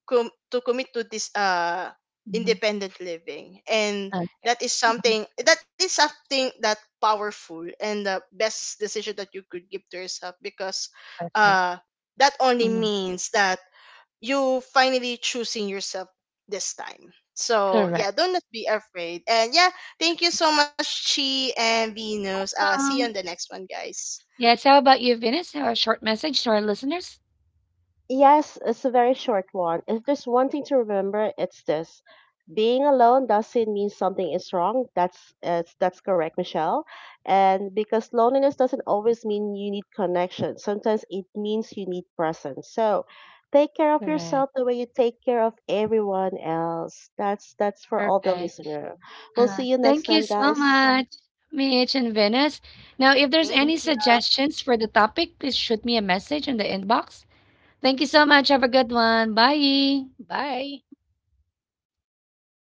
Speaker 2: to commit to this
Speaker 1: mhm,
Speaker 2: independent living. And
Speaker 1: uh,
Speaker 2: that is
Speaker 1: mhm.
Speaker 2: something that is something that powerful, and the best decision that you could give to yourself, because
Speaker 1: Perfect.
Speaker 2: uh that only
Speaker 1: Mhm.
Speaker 2: means that you finally choosing yourself this time. So
Speaker 1: Correct.
Speaker 2: yeah, don't be afraid. And yeah, thank you so much, Chi and Venus. See you on the
Speaker 1: Um,
Speaker 2: next one, guys.
Speaker 1: yes. How about you, Venus? Have a short message to our listeners?
Speaker 3: Yes, it's a very short one. If there's one thing to remember, it's this. Being alone doesn't mean something is wrong. That's it's, that's correct, Michelle. And because loneliness doesn't always mean you need connection. Sometimes it means you need presence. So, take care of
Speaker 1: Correct.
Speaker 3: yourself the way you take care of everyone else. That's for all the
Speaker 1: Perfect.
Speaker 3: listener. We'll see you
Speaker 1: Thank
Speaker 3: next
Speaker 1: you
Speaker 3: time,
Speaker 1: so
Speaker 3: guys.
Speaker 1: much, Mitch and Venus. Now, if there's any
Speaker 2: Thank
Speaker 3: Thank you.
Speaker 1: suggestions for the topic, please shoot me a message in the inbox. Thank you so much. Have a good one. Bye. Bye.
Speaker 3: Bye.